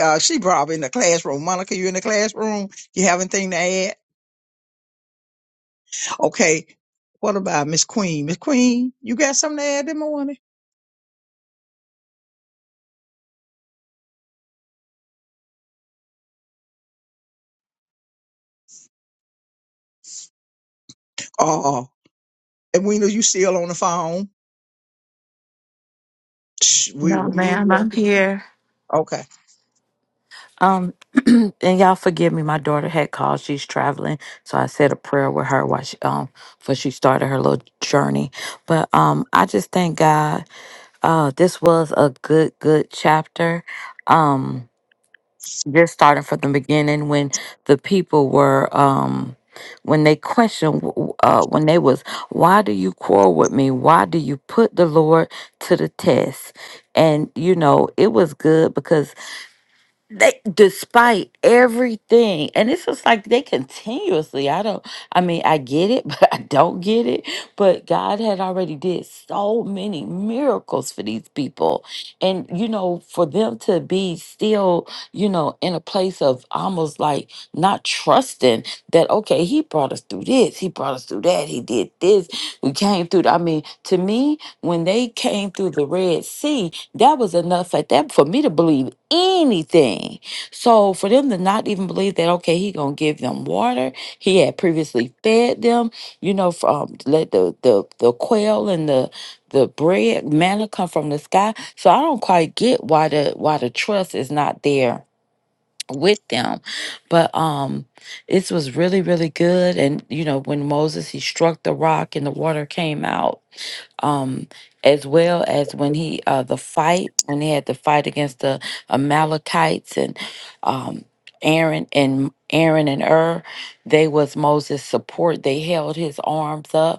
Uh she probably in the classroom. Monica, you in the classroom? You have anything to add? Okay. What about Miss Queen? Miss Queen, you got something to add this morning? Uh and we know you still on the phone. Shh, We
No,
will mute.
ma'am, I'm here.
Okay.
Um, and y'all forgive me. My daughter had called. She's traveling, so I said a prayer with her while she um, before she started her little journey. But um, I just thank God. Uh, this was a good, good chapter. Um, just starting from the beginning when the people were, um, when they questioned, w- w- uh, when they was, why do you quarrel with me? Why do you put the Lord to the test? And you know, it was good because they despite everything and it's just like they continuously i don't i mean i get it but i don't get it but god had already did so many miracles for these people and you know for them to be still you know in a place of almost like not trusting that okay he brought us through this he brought us through that he did this we came through the- i mean to me when they came through the red sea that was enough at that for me to believe anything. So for them to not even believe that, okay, he gonna give them water. He had previously fed them, you know, from let the the the quail and the the bread manna come from the sky. So I don't quite get why the why the trust is not there with them. But um this was really, really good. And you know, when Moses he struck the rock and the water came out um, as well as when he uh, the fight when he had to fight against the Amalekites and um, Aaron and Aaron and Ur, they was Moses' support. They held his arms up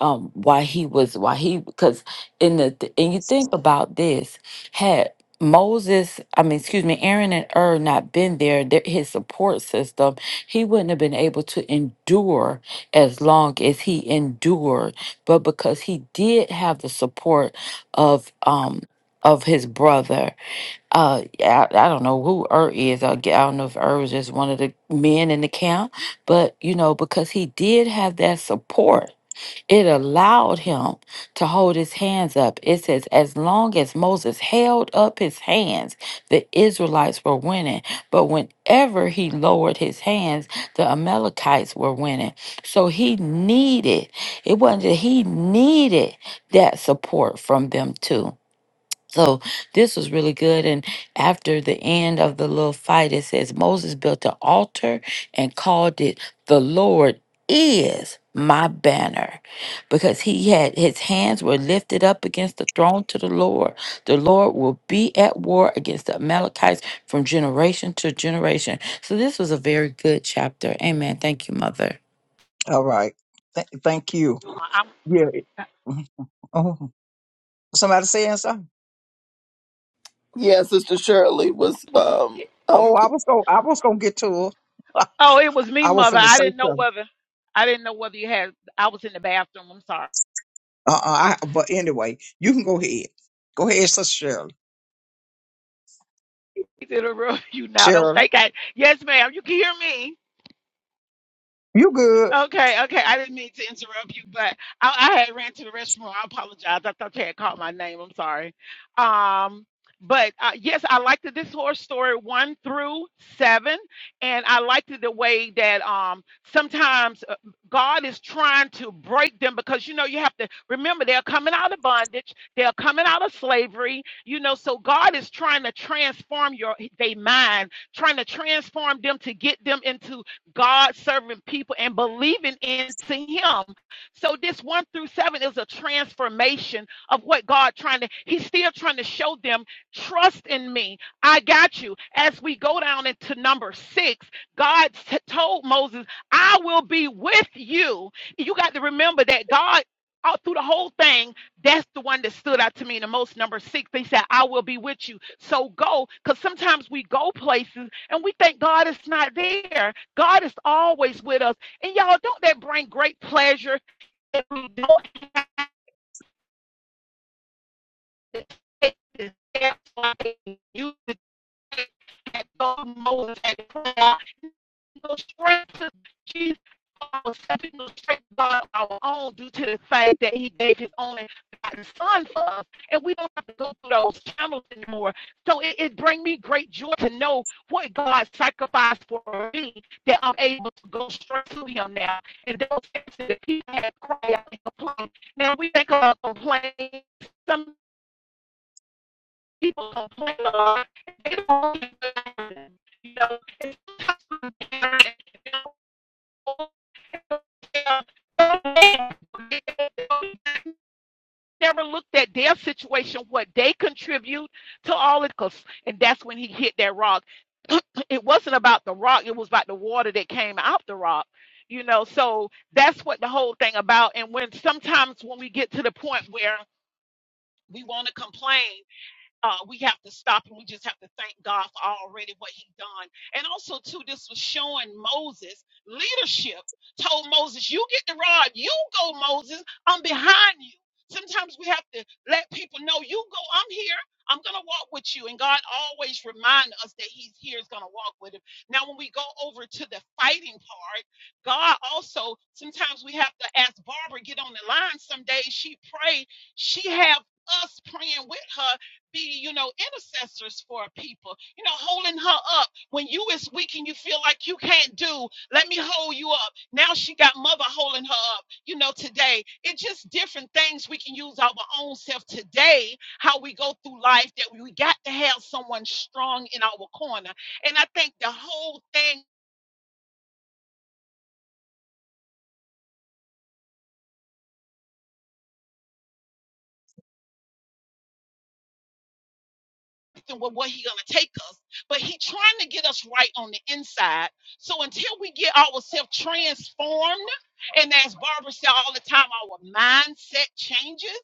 um why he was why he because in the th- and you think about this had Moses, I mean, excuse me, Aaron and Ur not been there, their, his support system, he wouldn't have been able to endure as long as he endured. But because he did have the support of um of his brother, uh, yeah, I, I don't know who Ur is. I, g- I don't know if Ur was just one of the men in the camp, but you know, because he did have that support, it allowed him to hold his hands up. It says, as long as Moses held up his hands, the Israelites were winning. But whenever he lowered his hands, the Amalekites were winning. So he needed, it wasn't that he needed that support from them too. So this was really good. And after the end of the little fight, it says Moses built an altar and called it the Lord is my banner because he had his hands were lifted up against the throne to the Lord. The Lord will be at war against the Amalekites from generation to generation. So this was a very good chapter. Amen. Thank you, Mother.
All right. Th- thank you.
I
Yeah. it- Mhm. Oh, somebody saying something?
Yeah, Sister Shirley was
was
um
Oh,
um
I was going. to I was gonna get to it.
oh, it was me,
I was
mother.
finna
I
say
didn't know
something.
whether I didn't know whether you had. I was in the bathroom. I'm sorry.
Uh, uh I, but anyway, you can go ahead. Go ahead, Sister Shirley.
Interrupt you now. Don't
Shirley,
think I. Yes, ma'am. You can hear me.
you good?
Okay, okay. I didn't mean to interrupt you, but I, I had ran to the restroom. I apologize. I thought you had called my name. I'm sorry. Um, but uh, yes, I liked that this horse story one through seven, and I liked it the way that um sometimes uh, God is trying to break them because you know you have to remember they're coming out of bondage, they're coming out of slavery, you know. So God is trying to transform your their mind, trying to transform them to get them into God serving people and believing into him. So this one through seven is a transformation of what God trying to, he's still trying to show them, trust in me. I got you. As we go down into number six, God t- told Moses, I will be with you. You got to remember that God all through the whole thing, that's the one that stood out to me the most. Number six, he said, I will be with you. So go. Because sometimes we go places and we think God is not there. God is always with us. And y'all, don't that bring great pleasure if we don't take the steps like you had God, Moses had prayer. No strength to Jesus was no strength God of our own due to the fact that He gave His only begotten Son for us, and we don't have to go through those channels anymore. So it, it brings me great joy to know what God sacrificed for me that I'm able to go straight to Him now. And those things that people had cried out and complained. Now we think about complaining. Some people complain a lot. They don't you know, it's customer care, uh, Never looked at their situation, what they contribute to all of us, and that's when he hit that rock. It wasn't about the rock; it was about the water that came out the rock. You know, so that's what the whole thing about. And when sometimes when we get to the point where we want to complain, uh, we have to stop and we just have to thank God for already what he done. And also, too, this was showing Moses leadership. Told Moses, "You get the rod. You go, Moses. I'm behind you." Sometimes we have to let people know, "You go. I'm here. I'm gonna walk with you." And God always remind us that He's here is gonna walk with him. Now, when we go over to the fighting part, God also sometimes we have to ask Barbara get on the line. Some days she pray. She have us praying with her be, you know, intercessors for people, you know, holding her up when you is weak and you feel like you can't do, let me hold you up. Now she got mother holding her up, you know, today. It's just different things we can use our own self today, how we go through life, that we got to have someone strong in our corner. And I think the whole thing expecting with where he's gonna take us, but he's trying to get us right on the inside. So until we get ourselves transformed, and as Barbara said all the time, our mindset changes,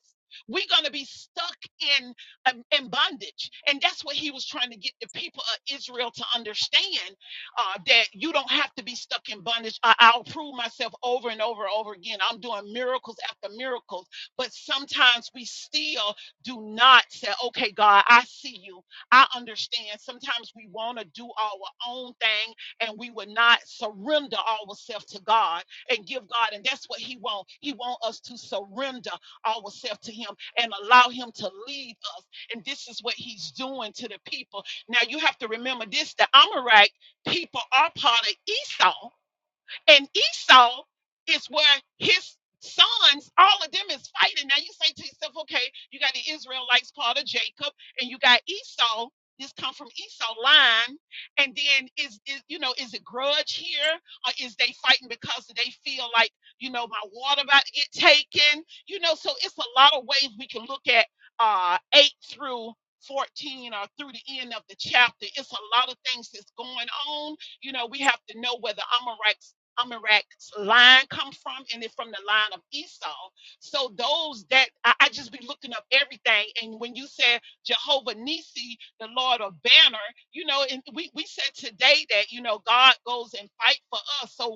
we're gonna be stuck in um, in bondage, and that's what he was trying to get the people of Israel to understand uh, that you don't have to be stuck in bondage. I, I'll prove myself over and over and over again. I'm doing miracles after miracles, but sometimes we still do not say, okay, God, I see you. I understand sometimes we want to do our own thing and we would not surrender ourselves to God and give God. And that's what He wants. He wants us to surrender ourselves to Him and allow Him to lead us. And this is what He's doing to the people. Now you have to remember this: the Amorite people are part of Esau. And Esau is where his sons, all of them is fighting. Now you say to yourself, okay, you got the Israelites part of Jacob, and you got Esau. This come from Esau line, and then is is you know is it grudge here or is they fighting because they feel like you know my water about to get taken? You know, so it's a lot of ways we can look at uh eight through fourteen or through the end of the chapter. It's a lot of things that's going on you know, we have to know where the Amorites Amarak's line come from, and it's from the line of Esau. So those that I, I just be looking up everything, and when you said Jehovah Nisi, the Lord of Banner, you know, and we we said today that you know God goes and fight for us. So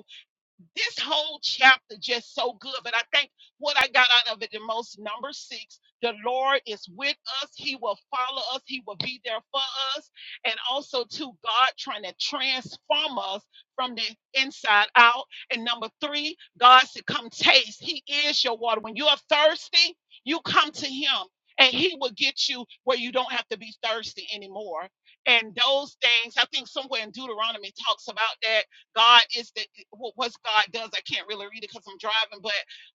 this whole chapter just so good. But I think what I got out of it the most, number six, the Lord is with us. He will follow us. He will be there for us. And also, to God trying to transform us from the inside out. And number three, God said, come taste. He is your water. When you are thirsty, you come to him. And he will get you where you don't have to be thirsty anymore. And those things, I think somewhere in Deuteronomy talks about that God is the what God does. I can't really read it because I'm driving, but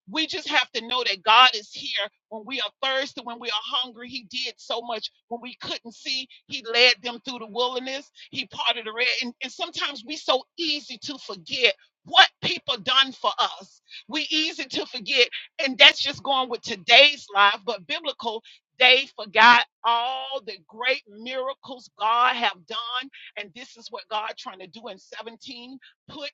we just have to know that God is here when we are thirsty, when we are hungry. He did so much when we couldn't see. He led them through the wilderness. He parted the red. And, and sometimes we so easy to forget what people done for us. We easy to forget, and that's just going with today's life, but biblical. They forgot all the great miracles God have done, and this is what God trying to do in 17 put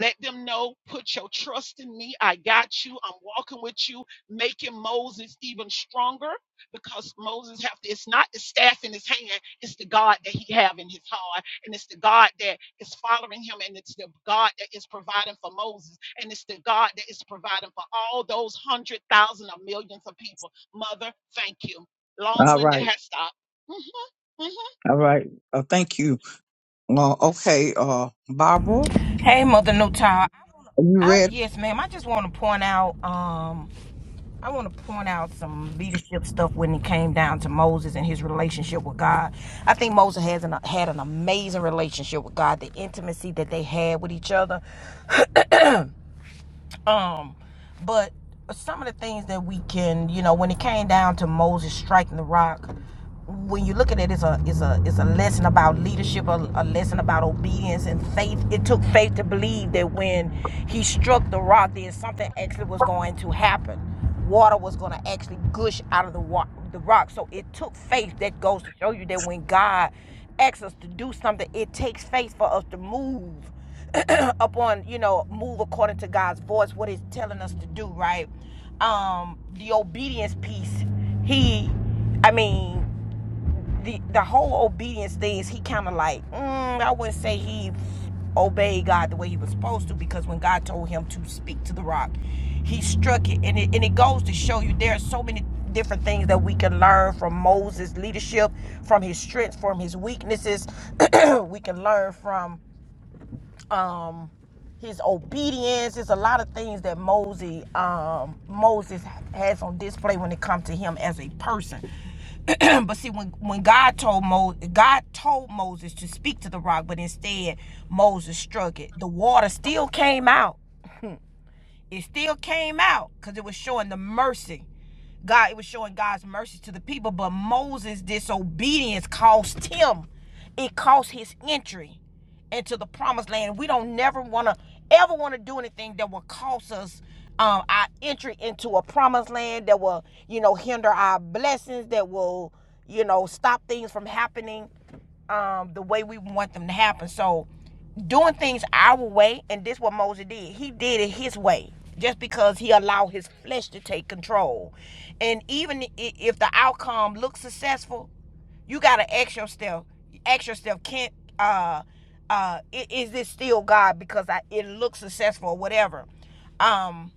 let them know put your trust in me i got you i'm walking with you making moses even stronger because moses have to it's not the staff in his hand it's the god that he have in his heart and it's the god that is following him and it's the god that is providing for moses and it's the god that is providing for all those hundred thousand or millions of people mother thank you
All
long-winded
right,
has stopped Mm-hmm, mm-hmm.
all right. Uh, thank you. Uh, okay, uh, Barbara,
Hey, mother Newtown. I wanna-
are you
I,
ready?
yes, ma'am. I just want to point out. Um, I want to point out some leadership stuff when it came down to Moses and his relationship with God. I think Moses has an, had an amazing relationship with God. The intimacy that they had with each other. Um, but some of the things that we can, you know, when it came down to Moses striking the rock, when you look at it, it's a it's a it's a lesson about leadership, a, a lesson about obedience and faith. It took faith to believe that when he struck the rock, then something actually was going to happen. Water was going to actually gush out of the wa- the rock. So it took faith. That goes to show you that when God asks us to do something, it takes faith for us to move upon you know move according to god's voice what he's telling us to do right um the obedience piece he i mean the the whole obedience thing is he kind of like mm, i wouldn't say he obeyed god the way he was supposed to because when god told him to speak to the rock he struck it and it, and it goes to show you there are so many different things that we can learn from moses leadership from his strengths from his weaknesses we can learn from um, his obedience. There's a lot of things that Moses, um, Moses has on display when it comes to him as a person. but see, when, when God told Mo, God told Moses to speak to the rock, but instead Moses struck it. The water still came out it still came out because it was showing the mercy. God, it was showing God's mercy to the people, but Moses' disobedience cost him. It cost his entry into the promised land. We don't never want to ever want to do anything that will cost us um, our entry into a promised land that will, you know, hinder our blessings, that will, you know, stop things from happening um, the way we want them to happen. So doing things our way, and this is what Moses did. He did it his way, just because he allowed his flesh to take control. And even if the outcome looks successful, you gotta ask yourself, ask yourself, can't uh, uh, is this still God? Because I, it looks successful or whatever. Um,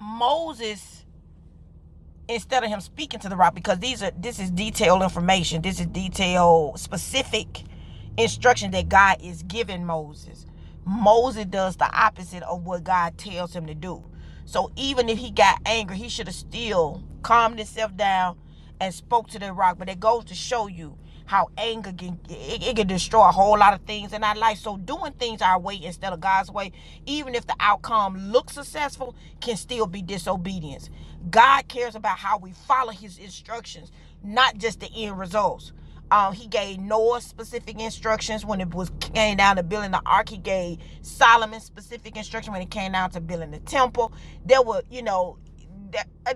Moses instead of him speaking to the rock because these are this is detailed information this is detailed specific instruction that god is giving moses moses does the opposite of what god tells him to do so even if he got angry he should have still calmed himself down and spoke to the rock. But it goes to show you how anger can it, it can destroy a whole lot of things in our life. So doing things our way instead of God's way, even if the outcome looks successful, can still be disobedience. God cares about how we follow His instructions, not just the end results. Um, he gave Noah specific instructions when it was came down to building the ark. He gave Solomon specific instructions when it came down to building the temple. There were, you know,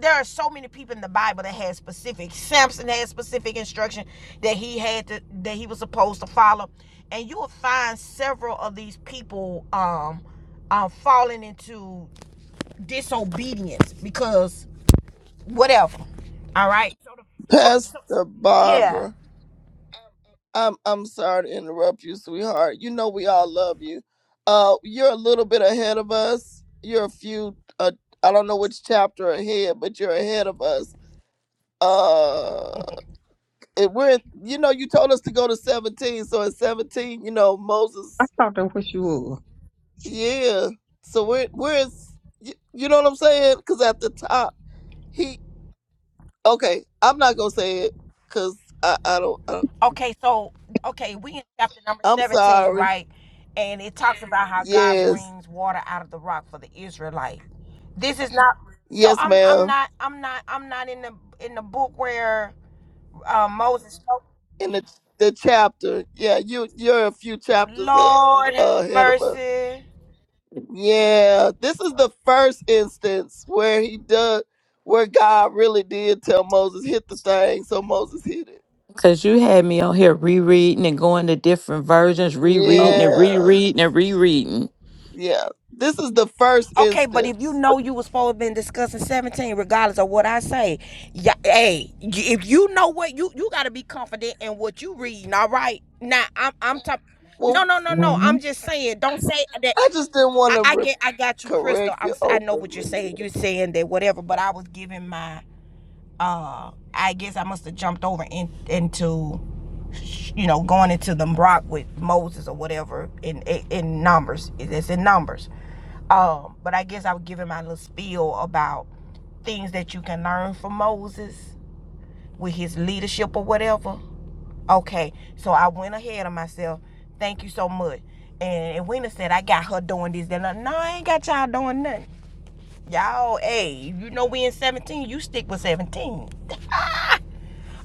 there are so many people in the Bible that had specific. Samson had specific instruction that he had to that he was supposed to follow, and you will find several of these people um, um falling into disobedience because whatever. All right. So,
Pastor
yeah.
Barbara. I'm I'm sorry to interrupt you, sweetheart. You know we all love you. Uh, you're a little bit ahead of us. You're a few. Uh, I don't know which chapter ahead, but you're ahead of us. Uh. and we're in- you know you told us to go to 17 so in 17 you know
I
moses
thought that was you.
yeah so we're we're in s- y- you know what i'm saying because at the top he okay i'm not gonna say it because I, I don't I,
Okay, so okay, we in chapter number
i'm
17,
sorry
right? And it talks about how God
yes
brings water out of the rock for the Israelite. This is not so
yes
I'm I'm
ma'am
not I'm not I'm not in the in the book where uh, Moses spoke.
in the the chapter yeah you you're a few chapters a-
Lord have
ahead of us
mercy.
yeah this is the first instance where he does where god really did tell moses hit the thing so moses hit it
Cause you had me on here rereading and going to different versions,
were.
rereading
Oh.
and
Yeah,
rereading and rereading.
yeah. This is the first
Okay, but if you
instance.
know you was supposed to have been discussing 17, regardless of what I say, yeah, hey, y- if you know what you you gotta be confident in what you reading, all right? Now I'm I'm talking no,
Well,
no, no, no.
mhm.
I'm just saying. Don't say that.
I just didn't want
I,
to
I
re-
get I got you, Crystal.
correct
I'm
you
s- i am I know what you're
openly.
saying. You're saying that whatever, but I was giving my uh I guess I must have jumped over in, into you know going into the rock with Moses or whatever in in, in numbers. It's in numbers. Um, but I guess I was giving my little spiel about things that you can learn from Moses with his leadership or whatever. Okay, so I went ahead of myself. Thank you so much. And, and said I got her doing this. Then uh, no, I ain't got y'all doing nothing. Y'all, hey, you know we in 17, you stick with 17.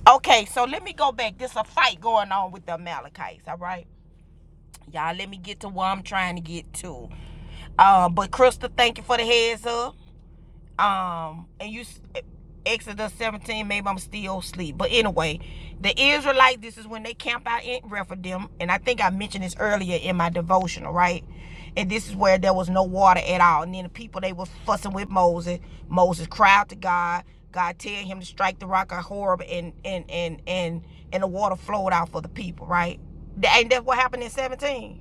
Okay, so let me go back. There's a fight going on with the Amalekites, all right? Y'all, let me get to where I'm trying to get to. Uh, but Crystal, thank you for the heads up. um and you exodus 17 maybe i'm still asleep but anyway the israelites this is when they camp out in rephidim and i think i mentioned this earlier in my devotional right and this is where there was no water at all and then the people they were fussing with moses moses cried to god god tell him to strike the rock of horeb and and and and and the water flowed out for the people right And that's what happened in 17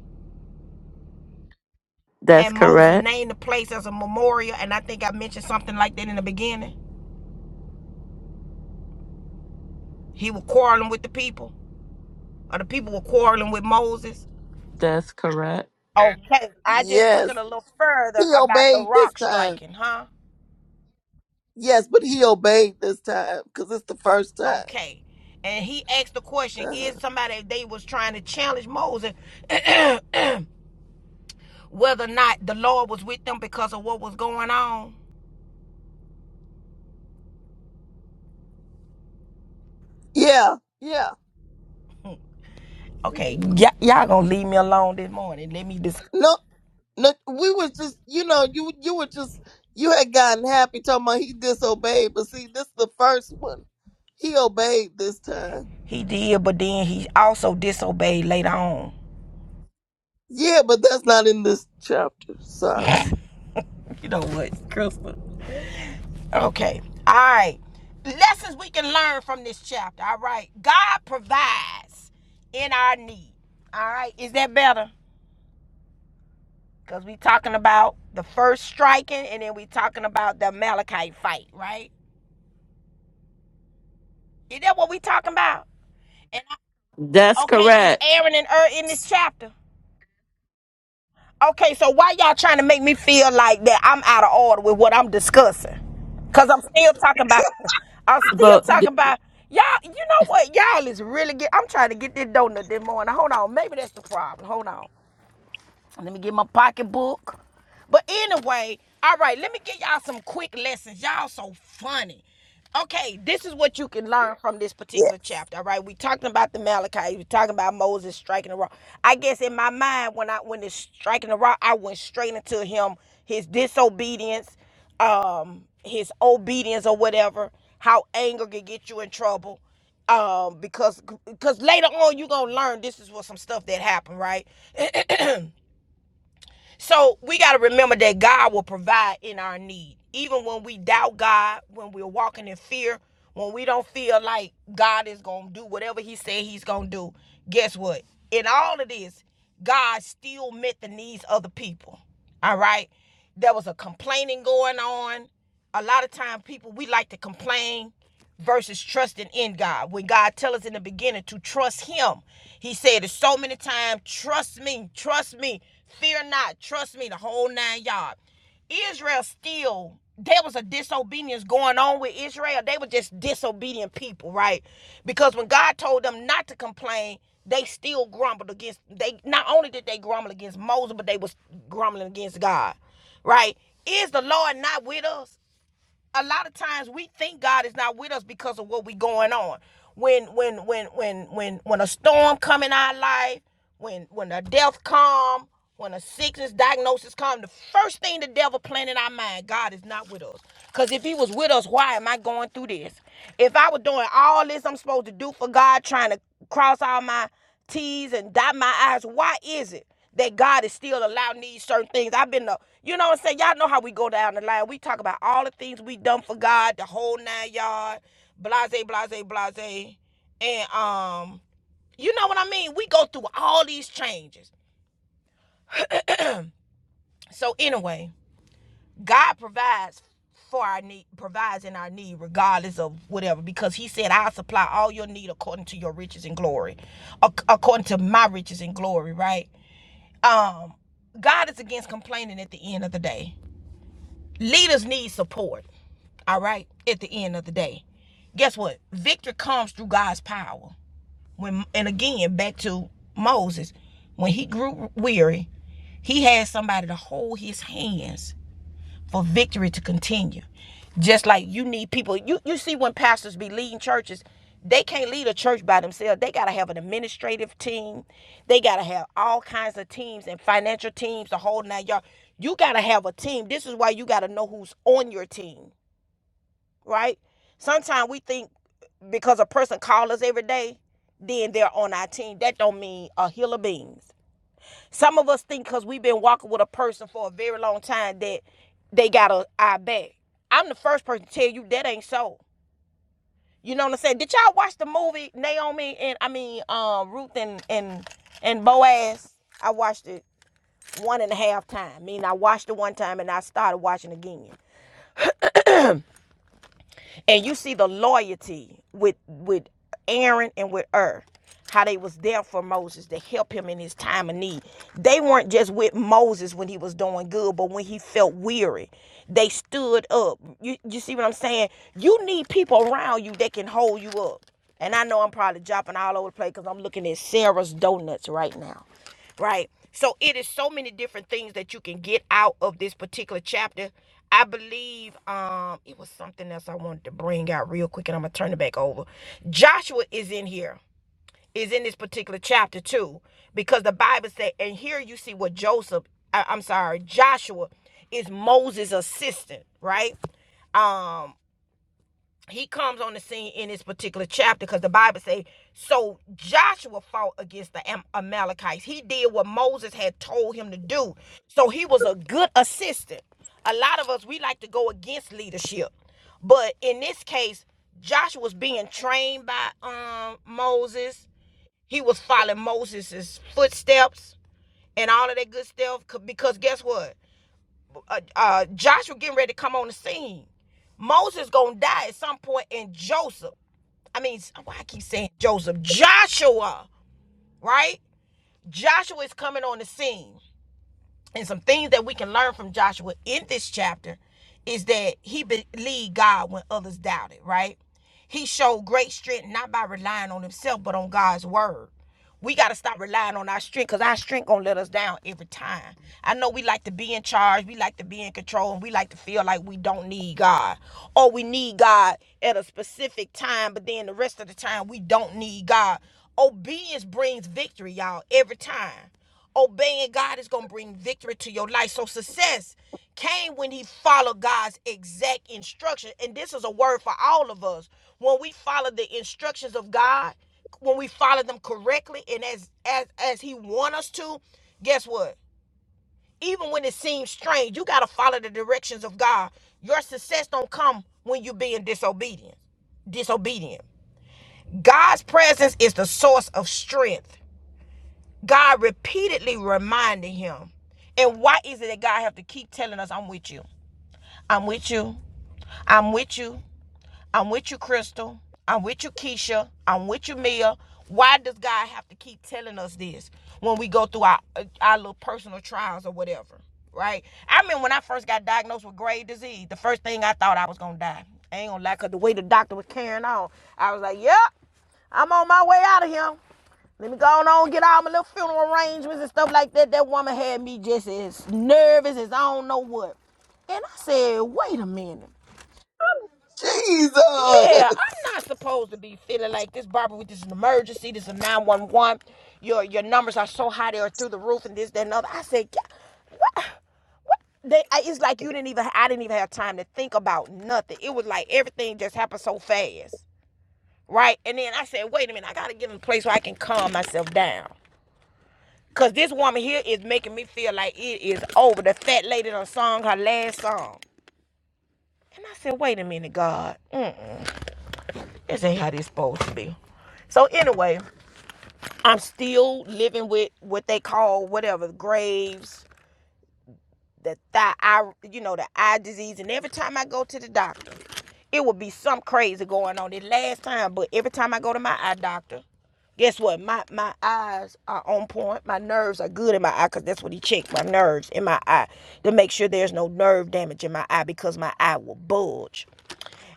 That's
and moses
correct.
named the place as a memorial and i think i mentioned something like that in the beginning He was quarreling with the people, or the people were quarreling with Moses.
That's correct.
Okay, I just took
Yes,
it a little
he
further about the
obeyed this
rock
time.
striking, huh?
Yes, but he obeyed this time because it's the first time.
Okay. And he asked the question, is
Uh-huh.
somebody they was trying to challenge Moses whether or not the Lord was with them because of what was going on?
Yeah, yeah.
Okay,
Mhm.
y- y'all gonna leave me alone this morning. Let me just.
No, no. We were just, you know, you you were just, you had gotten happy talking about he disobeyed, but see, this is the first one. He obeyed this time.
He did, but then he also disobeyed later on.
Yeah, but that's not in this chapter. Sorry.
You know what, Crystal? Okay. All right. Lessons we can learn from this chapter. All right. God provides in our need. All right. Is that better? Because we talking about the first striking and then we talking about the Malachite fight, right? Is that what we talking about? And I-
That's
okay, is
correct.
Aaron and Ur in this chapter? Okay, so why y'all trying to make me feel like that I'm out of order with what I'm discussing? Cause I'm still talking about, I'm still
But
talking about y'all. You know what? Y'all is really get. I'm trying to get this donut this morning. Hold on, maybe that's the problem. Hold on. Let me get my pocketbook. But anyway, all right, let me give y'all some quick lessons. Y'all so funny. Okay, this is what you can learn from this
Yeah.
particular chapter. All right, we talking about the Malachi. We talking about Moses striking the rock. I guess in my mind, when I when it's striking the rock, I went straight into him, his disobedience, um, his obedience or whatever. How anger can get you in trouble um because because later on you're gonna learn this is what some stuff that happened right so we got to remember that God will provide in our need. Even when we doubt God, when we're walking in fear, when we don't feel like God is going to do whatever He said He's going to do, guess what? In all of this, God still met the needs of the people. All right? There was a complaining going on a lot of times, people we like to complain versus trusting in God. When God tell us in the beginning to trust him, he said it so many times, trust me, trust me, fear not, trust me, the whole nine yards. Israel still there was a disobedience going on with Israel. They were just disobedient people, right? Because when God told them not to complain, they still grumbled against they not only did they grumble against Moses, but they was grumbling against God. Right? Is the Lord not with us? a lot of times we think God is not with us because of what we going on. When when when when when when a storm come in our life, when when a death come, when a sickness diagnosis come, the first thing the devil plant in our mind, God is not with us. Cause if He was with us, why am I going through this? If I was doing all this I'm supposed to do for God, trying to cross all my T's and dot my I's. Why is it that God is still allowing these certain things? I've been, the, you know what I'm saying? Y'all know how we go down the line. We talk about all the things we done for God, the whole nine yard, blase, blase, blase. And, um, you know what I mean? We go through all these changes. So, anyway, God provides for our need, provides in our need, regardless of whatever, because He said, I'll supply all your need according to your riches and glory, ac- according to my riches and glory, right? Um, God is against complaining at the end of the day. Leaders need support, all right, at the end of the day. Guess what? Victory comes through God's power. When and again, back to Moses, when he grew weary, he had somebody to hold his hands for victory to continue. Just like you need people. You you see when pastors be leading churches, they can't lead a church by themselves. They gotta have an administrative team. They gotta have all kinds of teams and financial teams to hold that y'all. You gotta have a team. This is why you gotta know who's on your team, right? Sometimes we think because a person calls us every day, then they're on our team. That don't mean a hill of beans. Some of us think because we've been walking with a person for a very long time that they got a eye back. I'm the first person to tell you that ain't so. You know what I'm saying? Did y'all watch the movie Naomi and I mean um, Ruth and and and Boaz? I watched it one and a half time. I mean, I watched it one time and I started watching again. And you see the loyalty with with Aaron and with Ur, how they was there for Moses to help him in his time of need. They weren't just with Moses when he was doing good, but when he felt weary, they stood up. You you see what I'm saying? You need people around you that can hold you up. And I know I'm probably dropping all over the place because I'm looking at Sarah's donuts right now right? So it is so many different things that you can get out of this particular chapter. I believe um it was something else I wanted to bring out real quick and I'm going to turn it back over. Joshua is in here. Is in this particular chapter too because the Bible said and here you see what Joseph I, I'm sorry, Joshua is Moses' assistant, right? Um he comes on the scene in this particular chapter because the bible say so joshua fought against the Am- amalekites he did what moses had told him to do so he was a good assistant a lot of us we like to go against leadership but in this case joshua was being trained by um moses he was following moses' footsteps and all of that good stuff. because guess what uh, uh, Joshua getting ready to come on the scene. Moses gonna die at some point, and Joseph. I mean, why I keep saying Joseph? Joshua, right? Joshua is coming on the scene and some things that we can learn from Joshua in this chapter is that he believed God when others doubted, right? He showed great strength not by relying on himself, but on God's word. We got to stop relying on our strength because our strength going to let us down every time. I know we like to be in charge, we like to be in control, and we like to feel like we don't need God. Or we need God at a specific time, but then the rest of the time we don't need God. Obedience brings victory, y'all, every time. Obeying God is going to bring victory to your life. So success came when he followed God's exact instruction. And this is a word for all of us. When we follow the instructions of God, when we follow them correctly and as as as he want us to, guess what? Even when it seems strange, you got to follow the directions of God. Your success don't come when you being disobedient. Disobedient. God's presence is the source of strength. God repeatedly reminding him. And why is it that God have to keep telling us, I'm with you. I'm with you. I'm with you. I'm with you, Crystal. I'm with you, Keisha. I'm with you, Mia. Why does God have to keep telling us this when we go through our uh, our little personal trials or whatever? Right? I mean, when I first got diagnosed with grave disease, the first thing I thought I was gonna die. I ain't gonna lie, cause the way the doctor was carrying on, I was like, Yep, yeah, I'm on my way out of here. Let me go on and get all my little funeral arrangements and stuff like that. That woman had me just as nervous as I don't know what. And I said, wait a minute. Yeah,
Jesus.
I'm not supposed to be feeling like this, Barbara. With this emergency, this is a 911. Your your numbers are so high they are through the roof, and this, that, and other. I said, "God, what? They, it's like you didn't even. I didn't even have time to think about nothing. It was like everything just happened so fast, right? And then I said, wait a minute, I gotta get in a place where I can calm myself down. Cause this woman here is making me feel like it is over. The fat lady done sung her last song. And I said, wait a minute, God. Mm, this ain't how this supposed to be. So anyway, I'm still living with what they call whatever, graves. the thigh, eye, you know, the eye disease. And every time I go to the doctor, it would be some crazy going on. This last time, but every time I go to my eye doctor, guess what? My my eyes are on point. My nerves are good in my eye because that's what he checked. My nerves in my eye to make sure there's no nerve damage in my eye because my eye will bulge.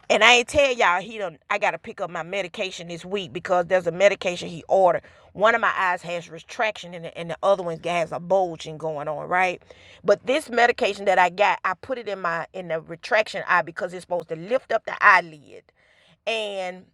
And I ain't tell y'all he done. I gotta pick up my medication this week because there's a medication he ordered. One of my eyes has retraction in it, and the other one has a bulging going on, right? But this medication that I got, I put it in my in the retraction eye because it's supposed to lift up the eyelid. And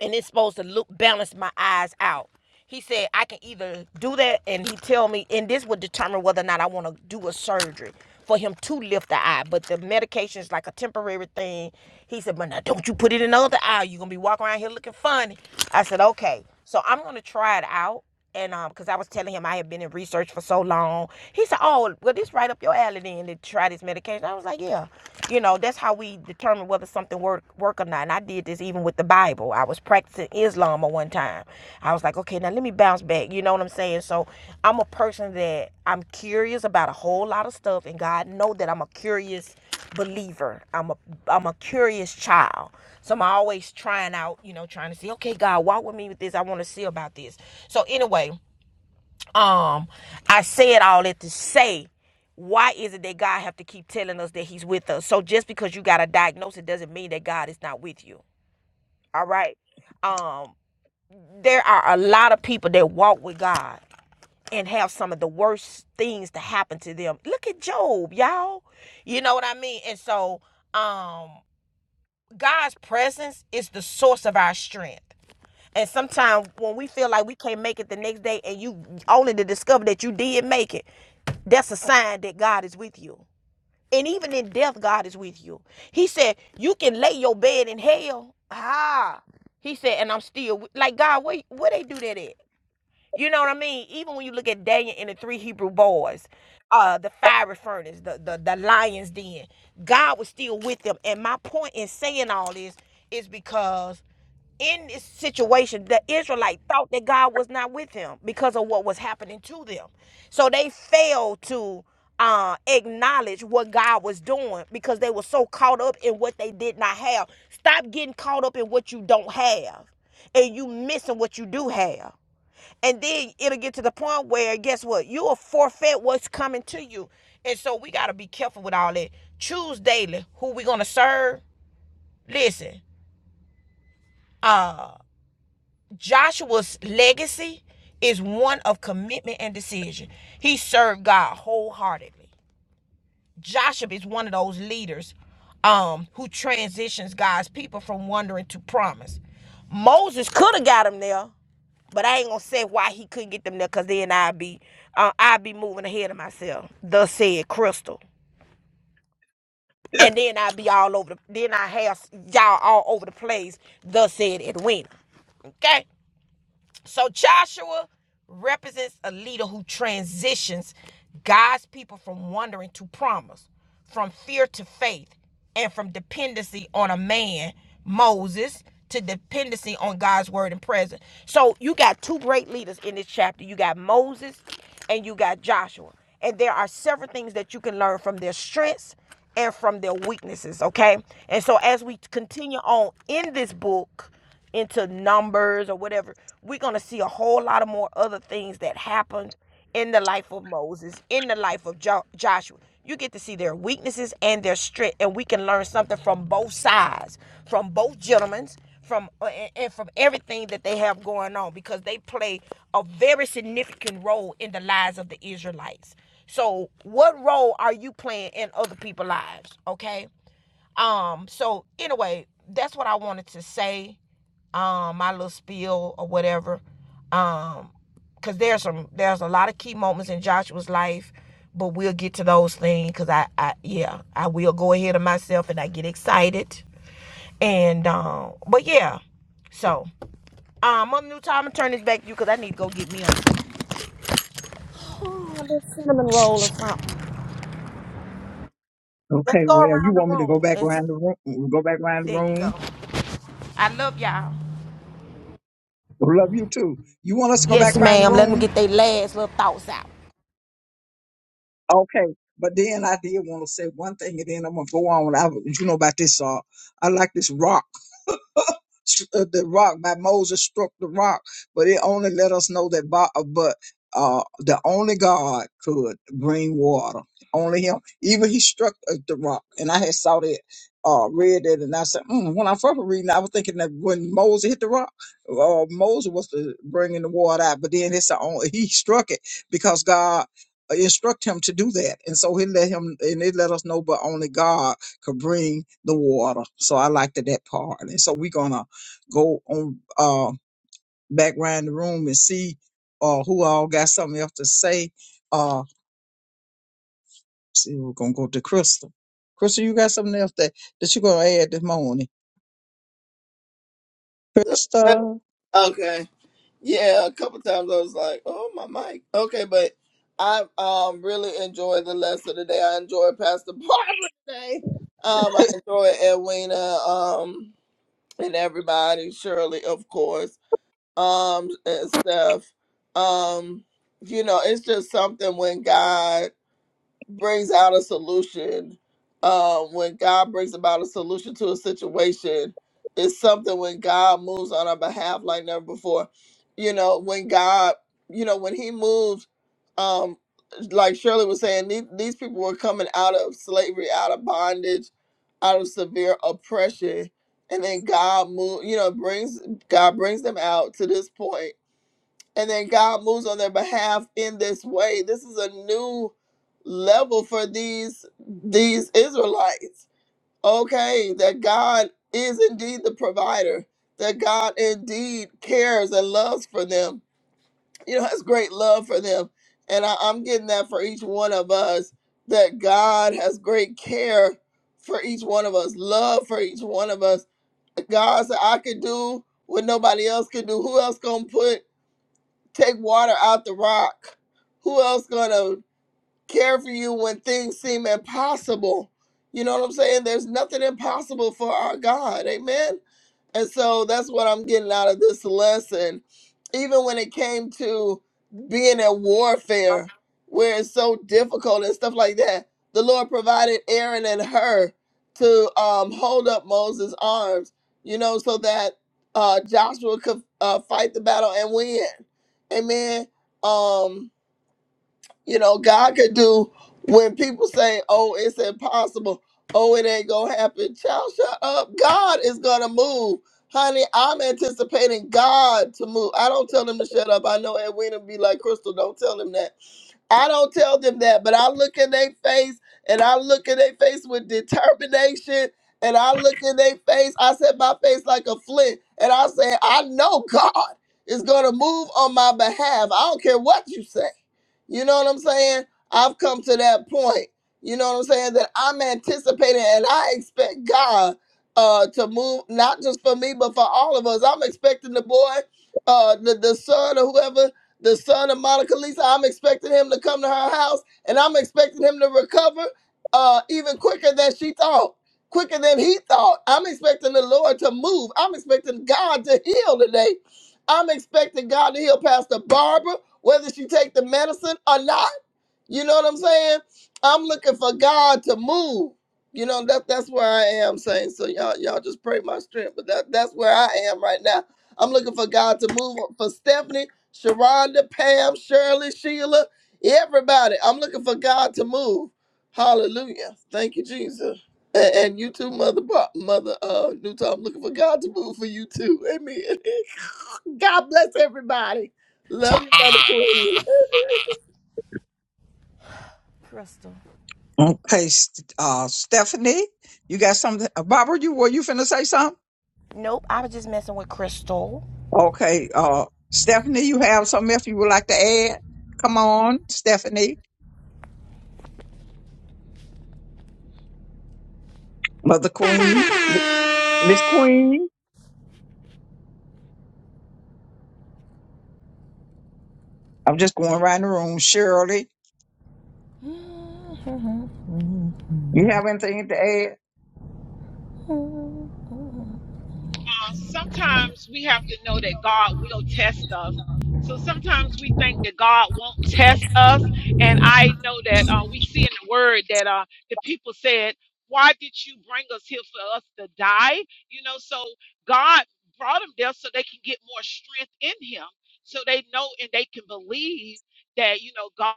and it's supposed to look balance my eyes out. He said I can either do that, and he tell me, and this would determine whether or not I want to do a surgery for him to lift the eye. But the medication is like a temporary thing. He said, but now don't you put it in the other eye. You're gonna be walking around here looking funny. I said, okay. So I'm gonna try it out. And um, cause I was telling him I had been in research for so long. He said, "Oh, well, this right up your alley then to try this medication." I was like, "Yeah, you know, that's how we determine whether something work work or not." And I did this even with the Bible. I was practicing Islam at one time. I was like, "Okay, now let me bounce back." You know what I'm saying? So I'm a person that I'm curious about a whole lot of stuff, and God know that I'm a curious believer. I'm a I'm a curious child. So I'm always trying out, you know, trying to see, okay, God, walk with me with this. I want to see about this. So anyway, um, I said all that to say why is it that God have to keep telling us that he's with us? So just because you got a diagnosis doesn't mean that God is not with you. All right. Um, there are a lot of people that walk with God and have some of the worst things to happen to them. Look at Job, y'all. You know what I mean? And so, um, God's presence is the source of our strength. And sometimes when we feel like we can't make it the next day and you only to discover that you did make it, that's a sign that God is with you. And even in death, God is with you. He said, You can lay your bed in hell. Ah. He said, and I'm still like God, where where they do that at? You know what I mean? Even when you look at Daniel and the three Hebrew boys, uh, the fiery furnace, the, the the lion's den, God was still with them. And my point in saying all this is because in this situation, the Israelite thought that God was not with them because of what was happening to them. So they failed to uh, acknowledge what God was doing because they were so caught up in what they did not have. Stop getting caught up in what you don't have and you missing what you do have. And then it'll get to the point where guess what? You'll forfeit what's coming to you. And so we gotta be careful with all that. Choose daily who we are gonna serve. Listen, uh Joshua's legacy is one of commitment and decision. He served God wholeheartedly. Joshua is one of those leaders um, who transitions God's people from wandering to promise. Moses could have got them there, but I ain't gonna say why he couldn't get them there, cause then I'd be, uh, I'd be moving ahead of myself. Thus said Crystal, and then I'd be all over. The, then I have y'all all over the place. Thus said Edwina. Okay. So Joshua represents a leader who transitions God's people from wandering to promise, from fear to faith, and from dependency on a man, Moses, to dependency on God's word and presence. So you got two great leaders in this chapter. You got Moses and you got Joshua. And there are several things that you can learn from their strengths and from their weaknesses, okay? And so as we continue on in this book, into numbers or whatever, we're going to see a whole lot of more other things that happened in the life of Moses, in the life of jo- Joshua. You get to see their weaknesses and their strength, and we can learn something from both sides, from both gentlemen, from uh, and and from everything that they have going on, because they play a very significant role in the lives of the Israelites. So, what role are you playing in other people's lives? Okay, um, so anyway, that's what I wanted to say. Um, my little spiel or whatever. Um, cause there's some there's a lot of key moments in Joshua's life, but we'll get to those things. Cause I, I yeah, I will go ahead of myself and I get excited. And um, but yeah. So, um, Mother New Time, I'm gonna turn this back to you because I need to go get me a oh, a little cinnamon roll or something. Let's
Okay,
go
well, you
around the
want me to
room.
go back
And s-
around the room? Go back around the
there you
room?
go. I love y'all.
Love you too. You want us to go back
Yes,
around the
ma'am. Let them
room?
get their last little thoughts out.
Okay, but then I did want to say one thing, and then I'm gonna go on. I, you know about this. Uh, I like this rock. uh, the rock by Moses struck the rock, but it only let us know that bo- uh, but uh the only God could bring water. Only him. Even he struck uh, the rock. And I had saw that uh read that and I said, mm, when I first was reading, I was thinking that when Moses hit the rock, uh, Moses was the bringing the water out, but then it's the only he struck it because God uh, instruct him to do that. And so he let him and it let us know but only God could bring the water. So I liked that part. And so we're gonna go on uh back around the room and see uh who all got something else to say. Uh see we're gonna go to Crystal. Crystal, you got something else that, that you're gonna add this morning. Crystal.
Okay. Yeah, a couple times I was like, "Oh my mic." Okay, but I um really enjoyed the lesson today. I enjoyed Pastor Barbara today. Um, I enjoyed Edwina. Um, and everybody, Shirley, of course. Um, and Steph. Um, you know, it's just something when God brings out a solution, um, when God brings about a solution to a situation, it's something when God moves on our behalf like never before. You know, when God, you know, when He moves, um, like Shirley was saying, these, these people were coming out of slavery, out of bondage, out of severe oppression, and then God move. You know, brings God brings them out to this point and then God moves on their behalf in this way. This is a new level for these these Israelites. Okay, that God is indeed the provider, that God indeed cares and loves for them. You know, has great love for them. And I, I'm getting that for each one of us, that God has great care for each one of us, love for each one of us. God said, I could do what nobody else could do. Who else gonna put take water out the rock. Who else gonna care for you when things seem impossible? You know what I'm saying? There's nothing impossible for our God. Amen. And so that's what I'm getting out of this lesson. Even when it came to being in warfare, where it's so difficult and stuff like that, the Lord provided Aaron and her to um, hold up Moses' arms, you know, so that uh, Joshua could uh, fight the battle and win. Amen. Um, you know, God could do when people say, oh, it's impossible. Oh, it ain't going to happen. Child, shut up. God is going to move. Honey, I'm anticipating God to move. I don't tell them to shut up. I know Edwina be like, Crystal, don't tell them that. I don't tell them that, but I look in their face and I look in their face with determination and I look in their face. I set my face like a flint and I say, I know God is going to move on my behalf. I don't care what you say. You know what I'm saying? I've come to that point. You know what I'm saying? That I'm anticipating and I expect God uh to move not just for me but for all of us. I'm expecting the boy, uh the, the son or whoever, the son of Monica Lisa, I'm expecting him to come to her house and I'm expecting him to recover uh even quicker than she thought. Quicker than he thought. I'm expecting the Lord to move. I'm expecting God to heal today. I'm expecting God to heal Pastor Barbara whether she take the medicine or not. You know what I'm saying? I'm looking for God to move. You know that that's where I am saying. So y'all y'all just pray my strength, but that that's where I am right now. I'm looking for God to move for Stephanie, Sharonda, Pam, Shirley, Sheila, everybody. I'm looking for God to move. Hallelujah. Thank you, Jesus. And, and you too, mother, Bo- mother, uh, Newton. I'm looking for God to move for you too. Amen. God bless everybody. Love you, Mother Queen.
Crystal.
Okay, St- uh, Stephanie, you got something? uh, Barbara, you were you finna say something?
Nope, I was just messing with Crystal.
Okay, uh, Stephanie, you have something else you would like to add? Come on, Stephanie, Mother Queen, Miss Queen. I'm just going around the room. Shirley, you have anything to add?
uh, sometimes we have to know that God will test us. So sometimes we think that God won't test us. And I know that uh, we see in the word that uh, the people said, Why did you bring us here for us to die? You know, so God brought them there so they can get more strength in Him, so they know and they can believe that, you know, God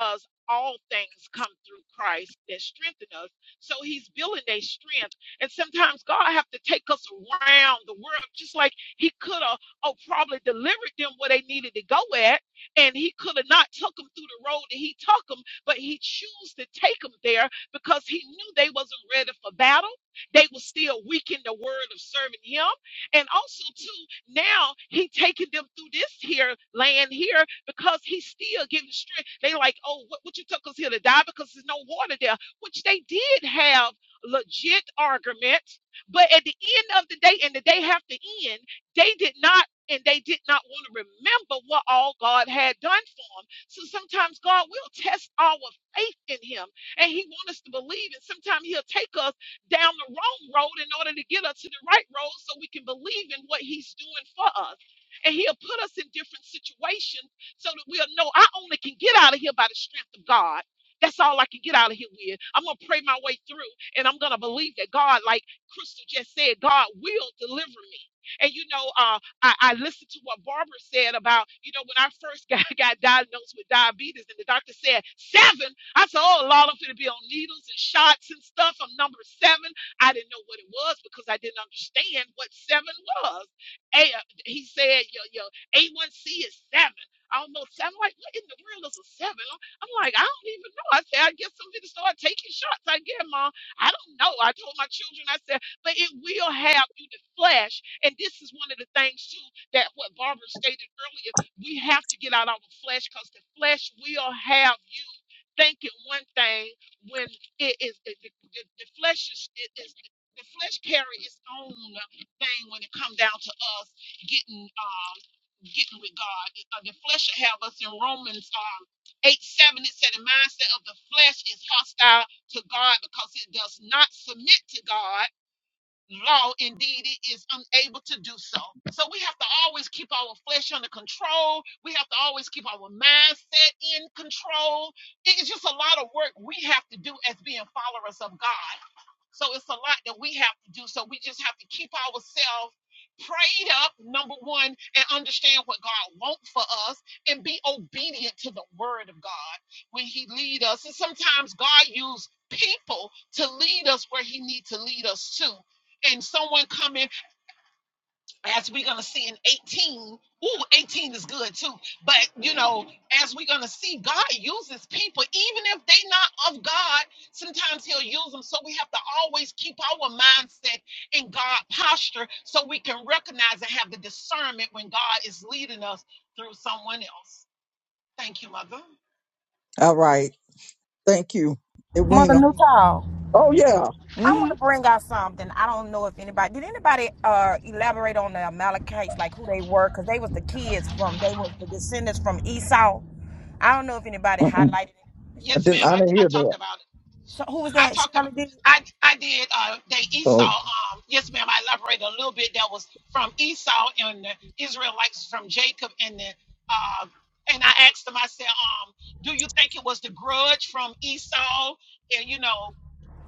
us all things come through Christ that strengthen us. So he's building a strength. And sometimes God have to take us around the world, just like he could have, oh, probably delivered them where they needed to go at. And he could have not took them through the road that he took them, but he chose to take them there because he knew they wasn't ready for battle. They were still weak in the word of serving him. And also, too, now he taking them through this here land here because he's still giving strength. They like, oh, what, what you took us here to die because there's no water there, which they did have legit argument. But at the end of the day, and the day after end, they did not and they did not want to remember what all God had done for them. So sometimes God will test our faith in him and he wants us to believe. And sometimes he'll take us down the wrong road in order to get us to the right road so we can believe in what he's doing for us. And he'll put us in different situations so that we'll know I only can get out of here by the strength of God. That's all I can get out of here with. I'm going to pray my way through and I'm going to believe that God, like Crystal just said, God will deliver me. And you know, uh. I, I listened to what Barbara said about, you know, when I first got, got diagnosed with diabetes and the doctor said seven, I said, oh, Lord, I'm going to be on needles and shots and stuff. I'm number seven. I didn't know what it was because I didn't understand what seven was. A, uh, he said, your, your A1C is seven. Almost, seven. I'm like, what in the world is a seven? I'm I'm like, I don't even know. I said, I guess I'm going to start taking shots. I get, Mom. I don't know. I told my children, I said, but it will have you to flesh and this is one of the things, too, that what Barbara stated earlier, we have to get out our flesh because the flesh will have you thinking one thing when it is the, the, the, the flesh is, it is the flesh carry its own thing when it comes down to us getting um getting with God. Uh, the flesh should have us in Romans um eight seven. It said the mindset of the flesh is hostile to God because it does not submit to God law indeed it is unable to do so. So we have to always keep our flesh under control. We have to always keep our mindset in control. It is just a lot of work we have to do as being followers of God. So it's a lot that we have to do. So we just have to keep ourselves prayed up, number one, and understand what God wants for us and be obedient to the word of God when he lead us. And sometimes God use people to lead us where he need to lead us to and someone coming as we're gonna see in 18 ooh 18 is good too but you know as we're gonna see god uses people even if they not of god sometimes he'll use them so we have to always keep our mindset in god posture so we can recognize and have the discernment when god is leading us through someone else thank you mother
All right. Thank you,
Mother
Edwina.
Newtall.
Oh yeah.
I
Mm-hmm.
want to bring out something. I don't know if anybody did anybody uh elaborate on the Amalekites, like who they were, because they was the kids from they was the descendants from Esau. I don't know if anybody
Uh-uh.
highlighted it. Is
I
that,
yes
didn't.
ma'am
I
i,
didn't
I
hear that.
talked about it
so who was
I
that?
talked about
Shirley did.
I I did uh they Esau
So
um yes ma'am I elaborated a little bit that was from Esau and the Israelites from Jacob and the uh and I asked them I said um do you think it was the grudge from Esau and you know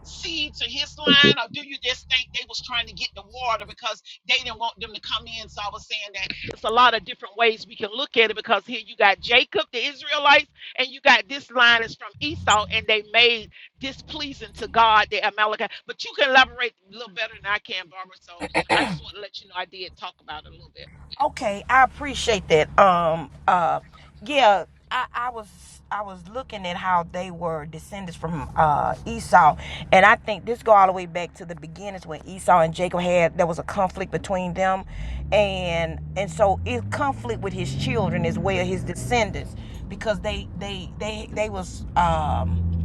See to his line, or do you just think they was trying to get the water because they didn't want them to come in? So I was saying that it's a lot of different ways we can look at it because here you got Jacob, the Israelites, and you got this line is from Esau, and they made displeasing to God, the Amalekite. But you can elaborate a little better than I can, Barbara. So I just want to let you know I did talk about it a little
Okay, I appreciate that. Um, uh, yeah, I, I was I was looking at how they were descendants from uh, Esau, and I think this go all the way back to the beginnings when Esau and Jacob had there was a conflict between them, and and so it conflict with his children as well, his descendants, because they they they they was um,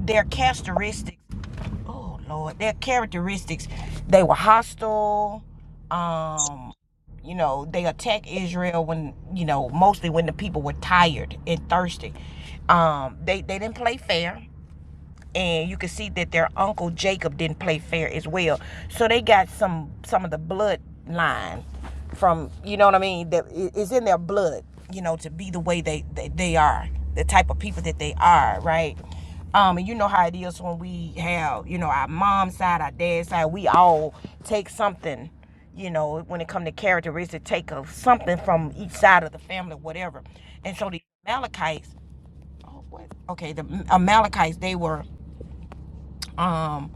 their characteristics oh Lord, their characteristics. They were hostile. Um, you know, they attacked Israel when you know mostly when the people were tired and thirsty. Um, they they didn't play fair and you can see that their uncle Jacob didn't play fair as well. So they got some some of the bloodline from you know what I mean. That it's in their blood, you know, to be the way they they, they are, the type of people that they are, right? Um, and you know how it is when we have, you know, our mom's side, our dad's side, we all take something, you know, when it come to characteristic, take of something from each side of the family, whatever. And so the Amalekites, oh, what? Okay, the Amalekites, they were um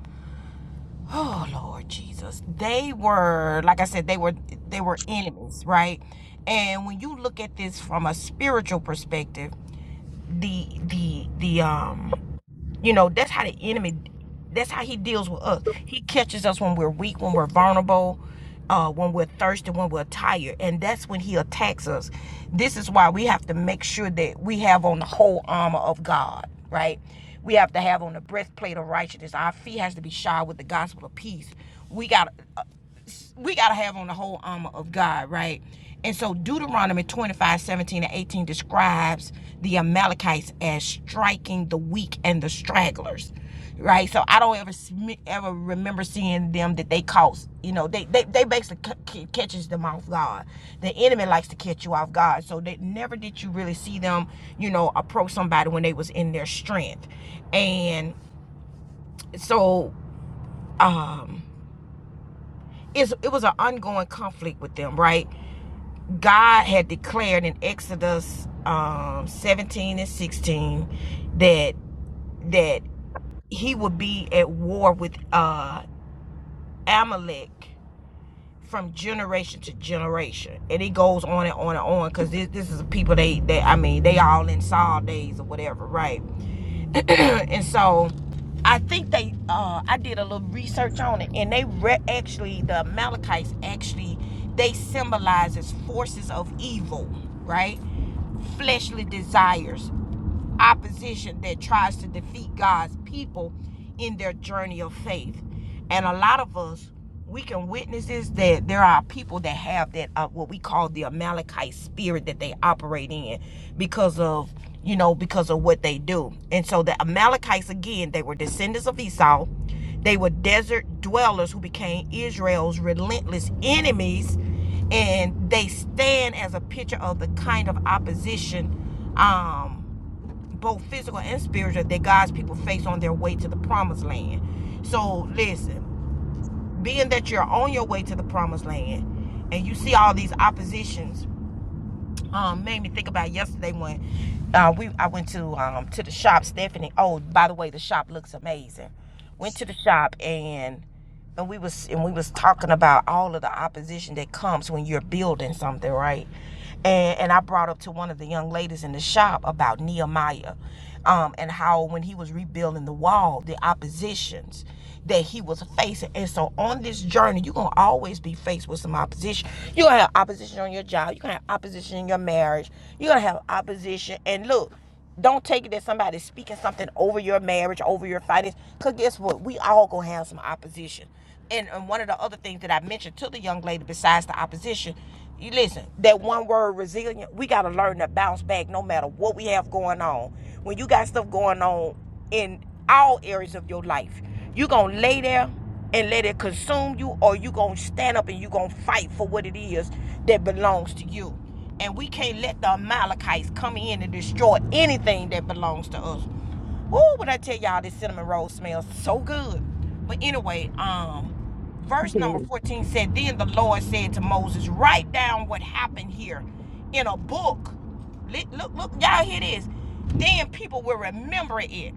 oh lord jesus they were like i said they were they were enemies right and when you look at this from a spiritual perspective the the the um you know, that's how the enemy that's how he deals with us. He catches us when we're weak, when we're vulnerable, uh, when we're thirsty, when we're tired, and that's when he attacks us. This is why we have to make sure that we have on the whole armor of God, right? We have to have on the breastplate of righteousness. Our feet has to be shod with the gospel of peace. We got we gotta have on the whole armor of God, right? And so Deuteronomy 25:17 and 18 describes the Amalekites as striking the weak and the stragglers. Right, so I don't ever ever remember seeing them that they cause, you know, they they, they basically c- catches them off guard. The enemy likes to catch you off guard, so they never did you really see them, you know, approach somebody when they was in their strength, and so um, it's, it was an ongoing conflict with them, right? God had declared in Exodus um, 17 and 16 that that he would be at war with uh, Amalek from generation to generation, and it goes on and on and on because this, this is people they they I mean they all in Saul days or whatever, right? and so I think they uh I did a little research on it and they re- actually the Amalekites actually they symbolize as forces of evil, right? Fleshly desires opposition that tries to defeat God's people in their journey of faith. And a lot of us, we can witness this that there are people that have that uh, what we call the Amalekite spirit that they operate in because of you know because of what they do. And so the Amalekites again, they were descendants of Esau. They were desert dwellers who became Israel's relentless enemies, and they stand as a picture of the kind of opposition um, both physical and spiritual that God's people face on their way to the promised land. So listen, being that you're on your way to the promised land and you see all these oppositions um made me think about yesterday when uh, we I went to um to the shop. Stephanie, oh by the way, the shop looks amazing. Went to the shop and and we was and we was talking about all of the opposition that comes when you're building something, right? And and I brought up to one of the young ladies in the shop about Nehemiah, um, and how when he was rebuilding the wall, the oppositions that he was facing. And so on this journey, you're gonna always be faced with some opposition. You're gonna have opposition on your job, you're gonna have opposition in your marriage, you're gonna have opposition. And look, don't take it that somebody's speaking something over your marriage, over your finances. Cause guess what? We all gonna have some opposition. And, and one of the other things that I mentioned to the young lady, besides the opposition, you listen, that one word resilient, we gotta learn to bounce back no matter what we have going on. When you got stuff going on in all areas of your life. You're going to lay there and let it consume you, or you're going to stand up and you're going to fight for what it is that belongs to you. And we can't let the Amalekites come in and destroy anything that belongs to us. Woo, when I tell y'all this cinnamon roll smells so good. But anyway, um, verse number
good.
14 said, Then the Lord said to Moses, Write down what happened here in a book. Li- Look, look, y'all hear this. Then people will remember it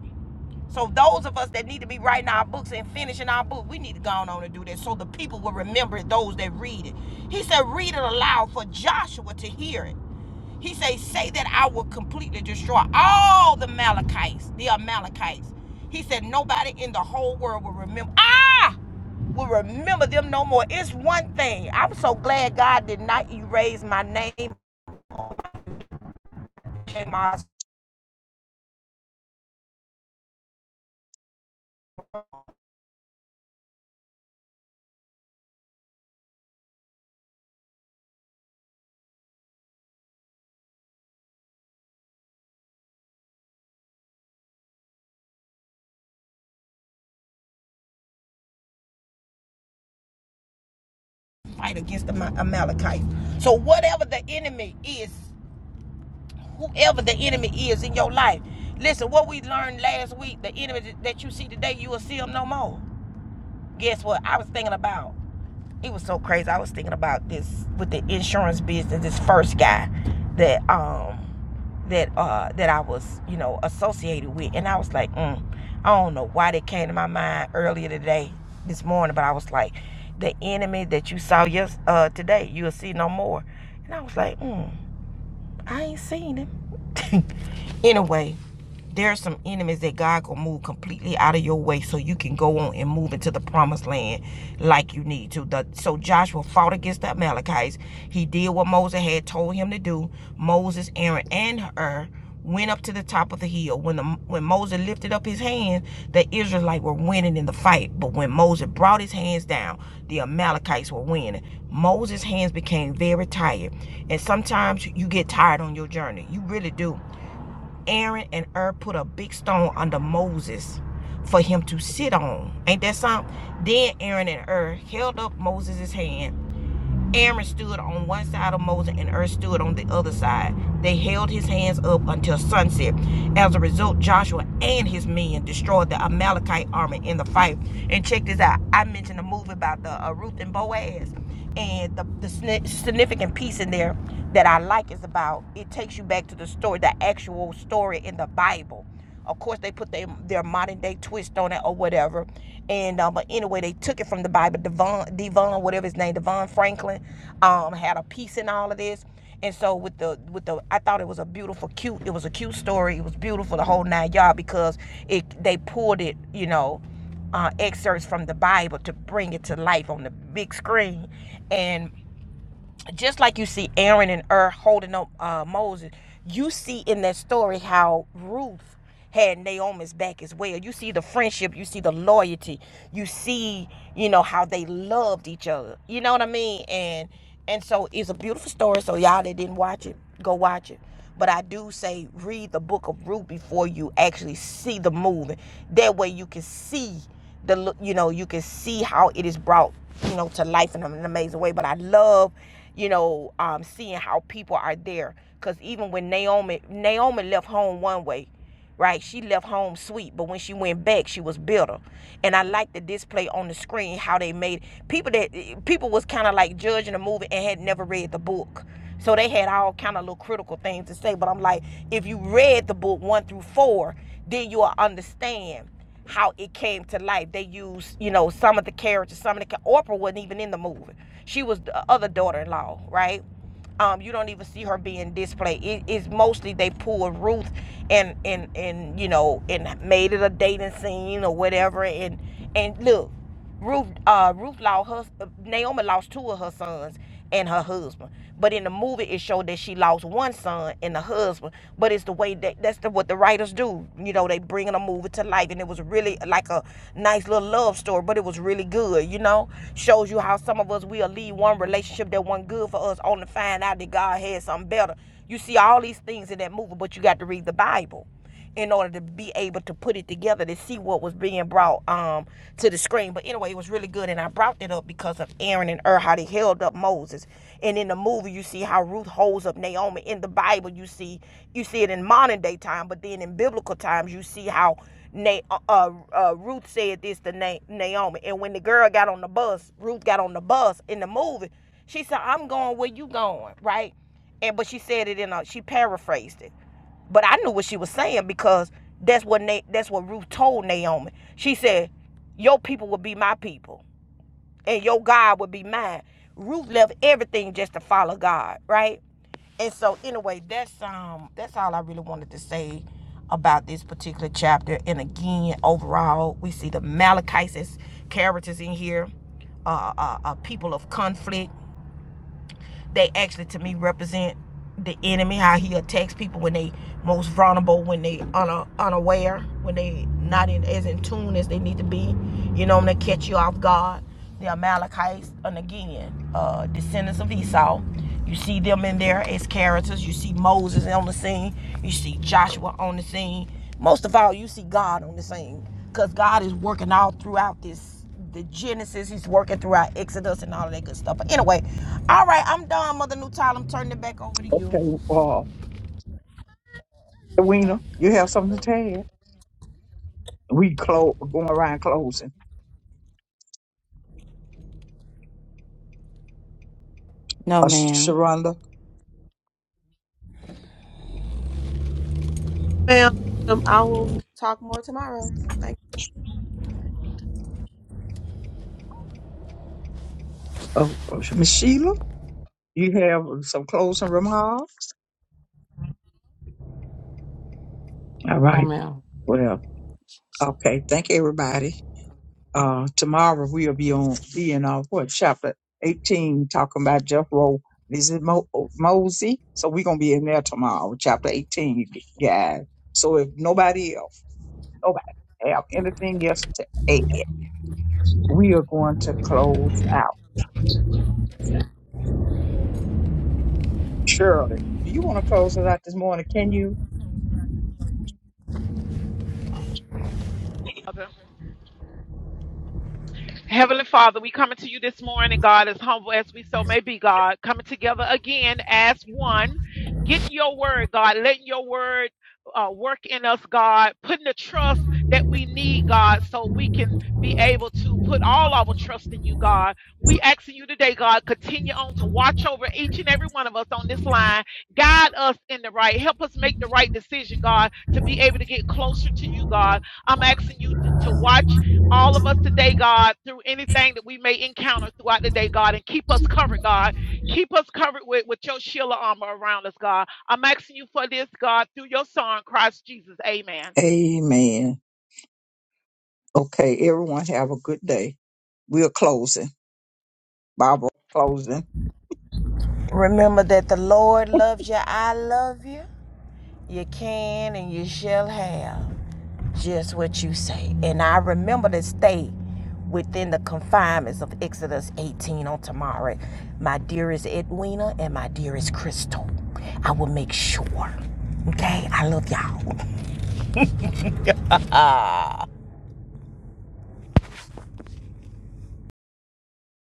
so those of us that need to be writing our books and finishing our book, we need to go on and do that so the people will remember it, those that read it. He said, read it aloud for Joshua to hear it. He say, say that I will completely destroy all the Amalekites. the Amalekites. He said, nobody in the whole world will remember. Ah! Will remember them no more. It's one thing. I'm so glad God did not erase my name and my fight against the Amalekites. So whatever the enemy is whoever the enemy is in your life. Listen, what we learned last week, the enemy that you see today, you will see him no more. Guess what? I was thinking about. It was so crazy. I was thinking about this with the insurance business. This first guy that um that uh that I was you know associated with, and I was like, mm, I don't know why that came to my mind earlier today, this morning, but I was like, the enemy that you saw yes uh today, you'll see no more. And I was like, mm. I ain't seen him. anyway, there are some enemies that God gonna move completely out of your way so you can go on and move into the promised land like you need to. The, so Joshua fought against the Amalekites. He did what Moses had told him to do. Moses, Aaron, and Hur went up to the top of the hill. When the, when Moses lifted up his hands, the Israelites were winning in the fight. But when Moses brought his hands down, the Amalekites were winning. Moses' hands became very tired. And sometimes you get tired on your journey. You really do. Aaron and Ur put a big stone under Moses for him to sit on. Ain't that something? Then Aaron and Ur held up Moses' hand Aaron stood on one side of Moses and Ur stood on the other side. They held his hands up until sunset. As a result, Joshua and his men destroyed the Amalekite army in the fight. And check this out. I mentioned a movie about the uh, Ruth and Boaz, and the, the significant piece in there that I like is about it takes you back to the story, the actual story in the Bible of course, they put their their modern day twist on it or whatever. And uh, but anyway, they took it from the Bible. Devon, Devon, whatever his name, Devon Franklin, um, had a piece in all of this. And so with the with the, I thought it was a beautiful, cute. It was a cute story. It was beautiful the whole nine yard because it they pulled it, you know, uh, excerpts from the Bible to bring it to life on the big screen. And just like you see Aaron and Ur holding up uh, Moses, you see in that story how Ruth had Naomi's back as well. You see the friendship, you see the loyalty, you see, you know, how they loved each other. You know what I mean? And and so it's a beautiful story. So y'all that didn't watch it, go watch it. But I do say read the book of Ruth before you actually see the movie. That way you can see the lo- you know you can see how it is brought you know to life in an amazing way. But I love you know um, seeing how people are there because even when Naomi Naomi left home one way right? She left home sweet, but when she went back, she was bitter. And I like the display on the screen how they made people that people was kind of like judging the movie and had never read the book. So they had all kind of little critical things to say, but I'm like, if you read the book 1 through 4, then you'll understand how it came to life. They used, you know, some of the characters, some of the ca- Oprah wasn't even in the movie. She was the other daughter-in-law, right? Um, you don't even see her being displayed. It, it's mostly they pulled Ruth and and and you know and made it a dating scene or whatever. And and look, Ruth uh Ruth lost her Naomi lost two of her sons and her husband. But in the movie it showed that she lost one son and the husband. But it's the way that that's the, what the writers do. You know, they bring bringing a movie to life. And it was really like a nice little love story, but it was really good, you know? Shows you how some of us, we'll leave one relationship that wasn't good for us only to find out that God had something better. You see all these things in that movie, but you got to read the Bible in order to be able to put it together to see what was being brought um to the screen. But anyway, it was really good, and I brought it up because of Aaron and Ur how they held up Moses. And in the movie, you see how Ruth holds up Naomi. In the Bible, you see you see it in modern day time, but then in biblical times, you see how Na- uh, uh, uh, Ruth said this to Na- Naomi. And when the girl got on the bus, Ruth got on the bus in the movie. She said, "I'm going where you going," right? And but she said it in a she paraphrased it. But I knew what she was saying because that's what Na- that's what Ruth told Naomi. She said, "Your people will be my people." and your God would be mine. Ruth left everything just to follow God, right? And so anyway, that's um that's all I really wanted to say about this particular chapter. And again, overall, we see the Malachites as characters in here, uh, uh, uh people of conflict they actually to me represent the enemy how he attacks people when they most vulnerable when they una, unaware when they not in as in tune as they need to be you know when they catch you off guard the amalekites and again uh descendants of esau you see them in there as characters you see moses on the scene you see joshua on the scene most of all you see god on the scene because god is working all throughout this the Genesis. He's working throughout Exodus and all of that good stuff. But anyway, all right, I'm done, Mother Nutall. I'm turning it back over to you.
Okay. Uh, Edwina, you have something to add? We close going around closing.
No,
Uh, Sh-
ma'am.
Sharonda,
Ma'am, um, I will talk more tomorrow. Thank
uh, uh, Miss Sheila, you have some closing remarks. All
No,
right.
ma'am.
Well. Okay. Thank everybody. Uh, tomorrow we'll be on be in uh, what chapter eighteen, talking about Jethro. This is Mo- oh, Mosey, so we're gonna be in there tomorrow, chapter eighteen, guys. So if nobody else, nobody have anything else to add, we are going to close out. Shirley, do you want to close us out this morning? Can you?
bit. Heavenly Father, we coming to you this morning, God, as humble as we so may be, God, coming together again as one, getting your word, God, letting your word uh, work in us, God, putting the trust that we need, God, so we can be able to put all our trust in you, God. We asking you today, God, continue on to watch over each and every one of us on this line. Guide us in the right, help us make the right decision, God, to be able to get closer to you, God. I'm asking you to to watch all of us today, God, through anything that we may encounter throughout the day, God, and keep us covered, God. Keep us covered with, with your shield of armor around us, God. I'm asking you for this, God, through your son, Christ Jesus. Amen.
Amen. Okay, everyone have a good day. We're closing. Barbara closing.
Remember that the Lord loves you. I love you. You can and you shall have just what you say. And I remember to stay within the confinements of Exodus 18 on tomorrow. My dearest Edwina and my dearest Crystal, I will make sure. Okay? I love y'all.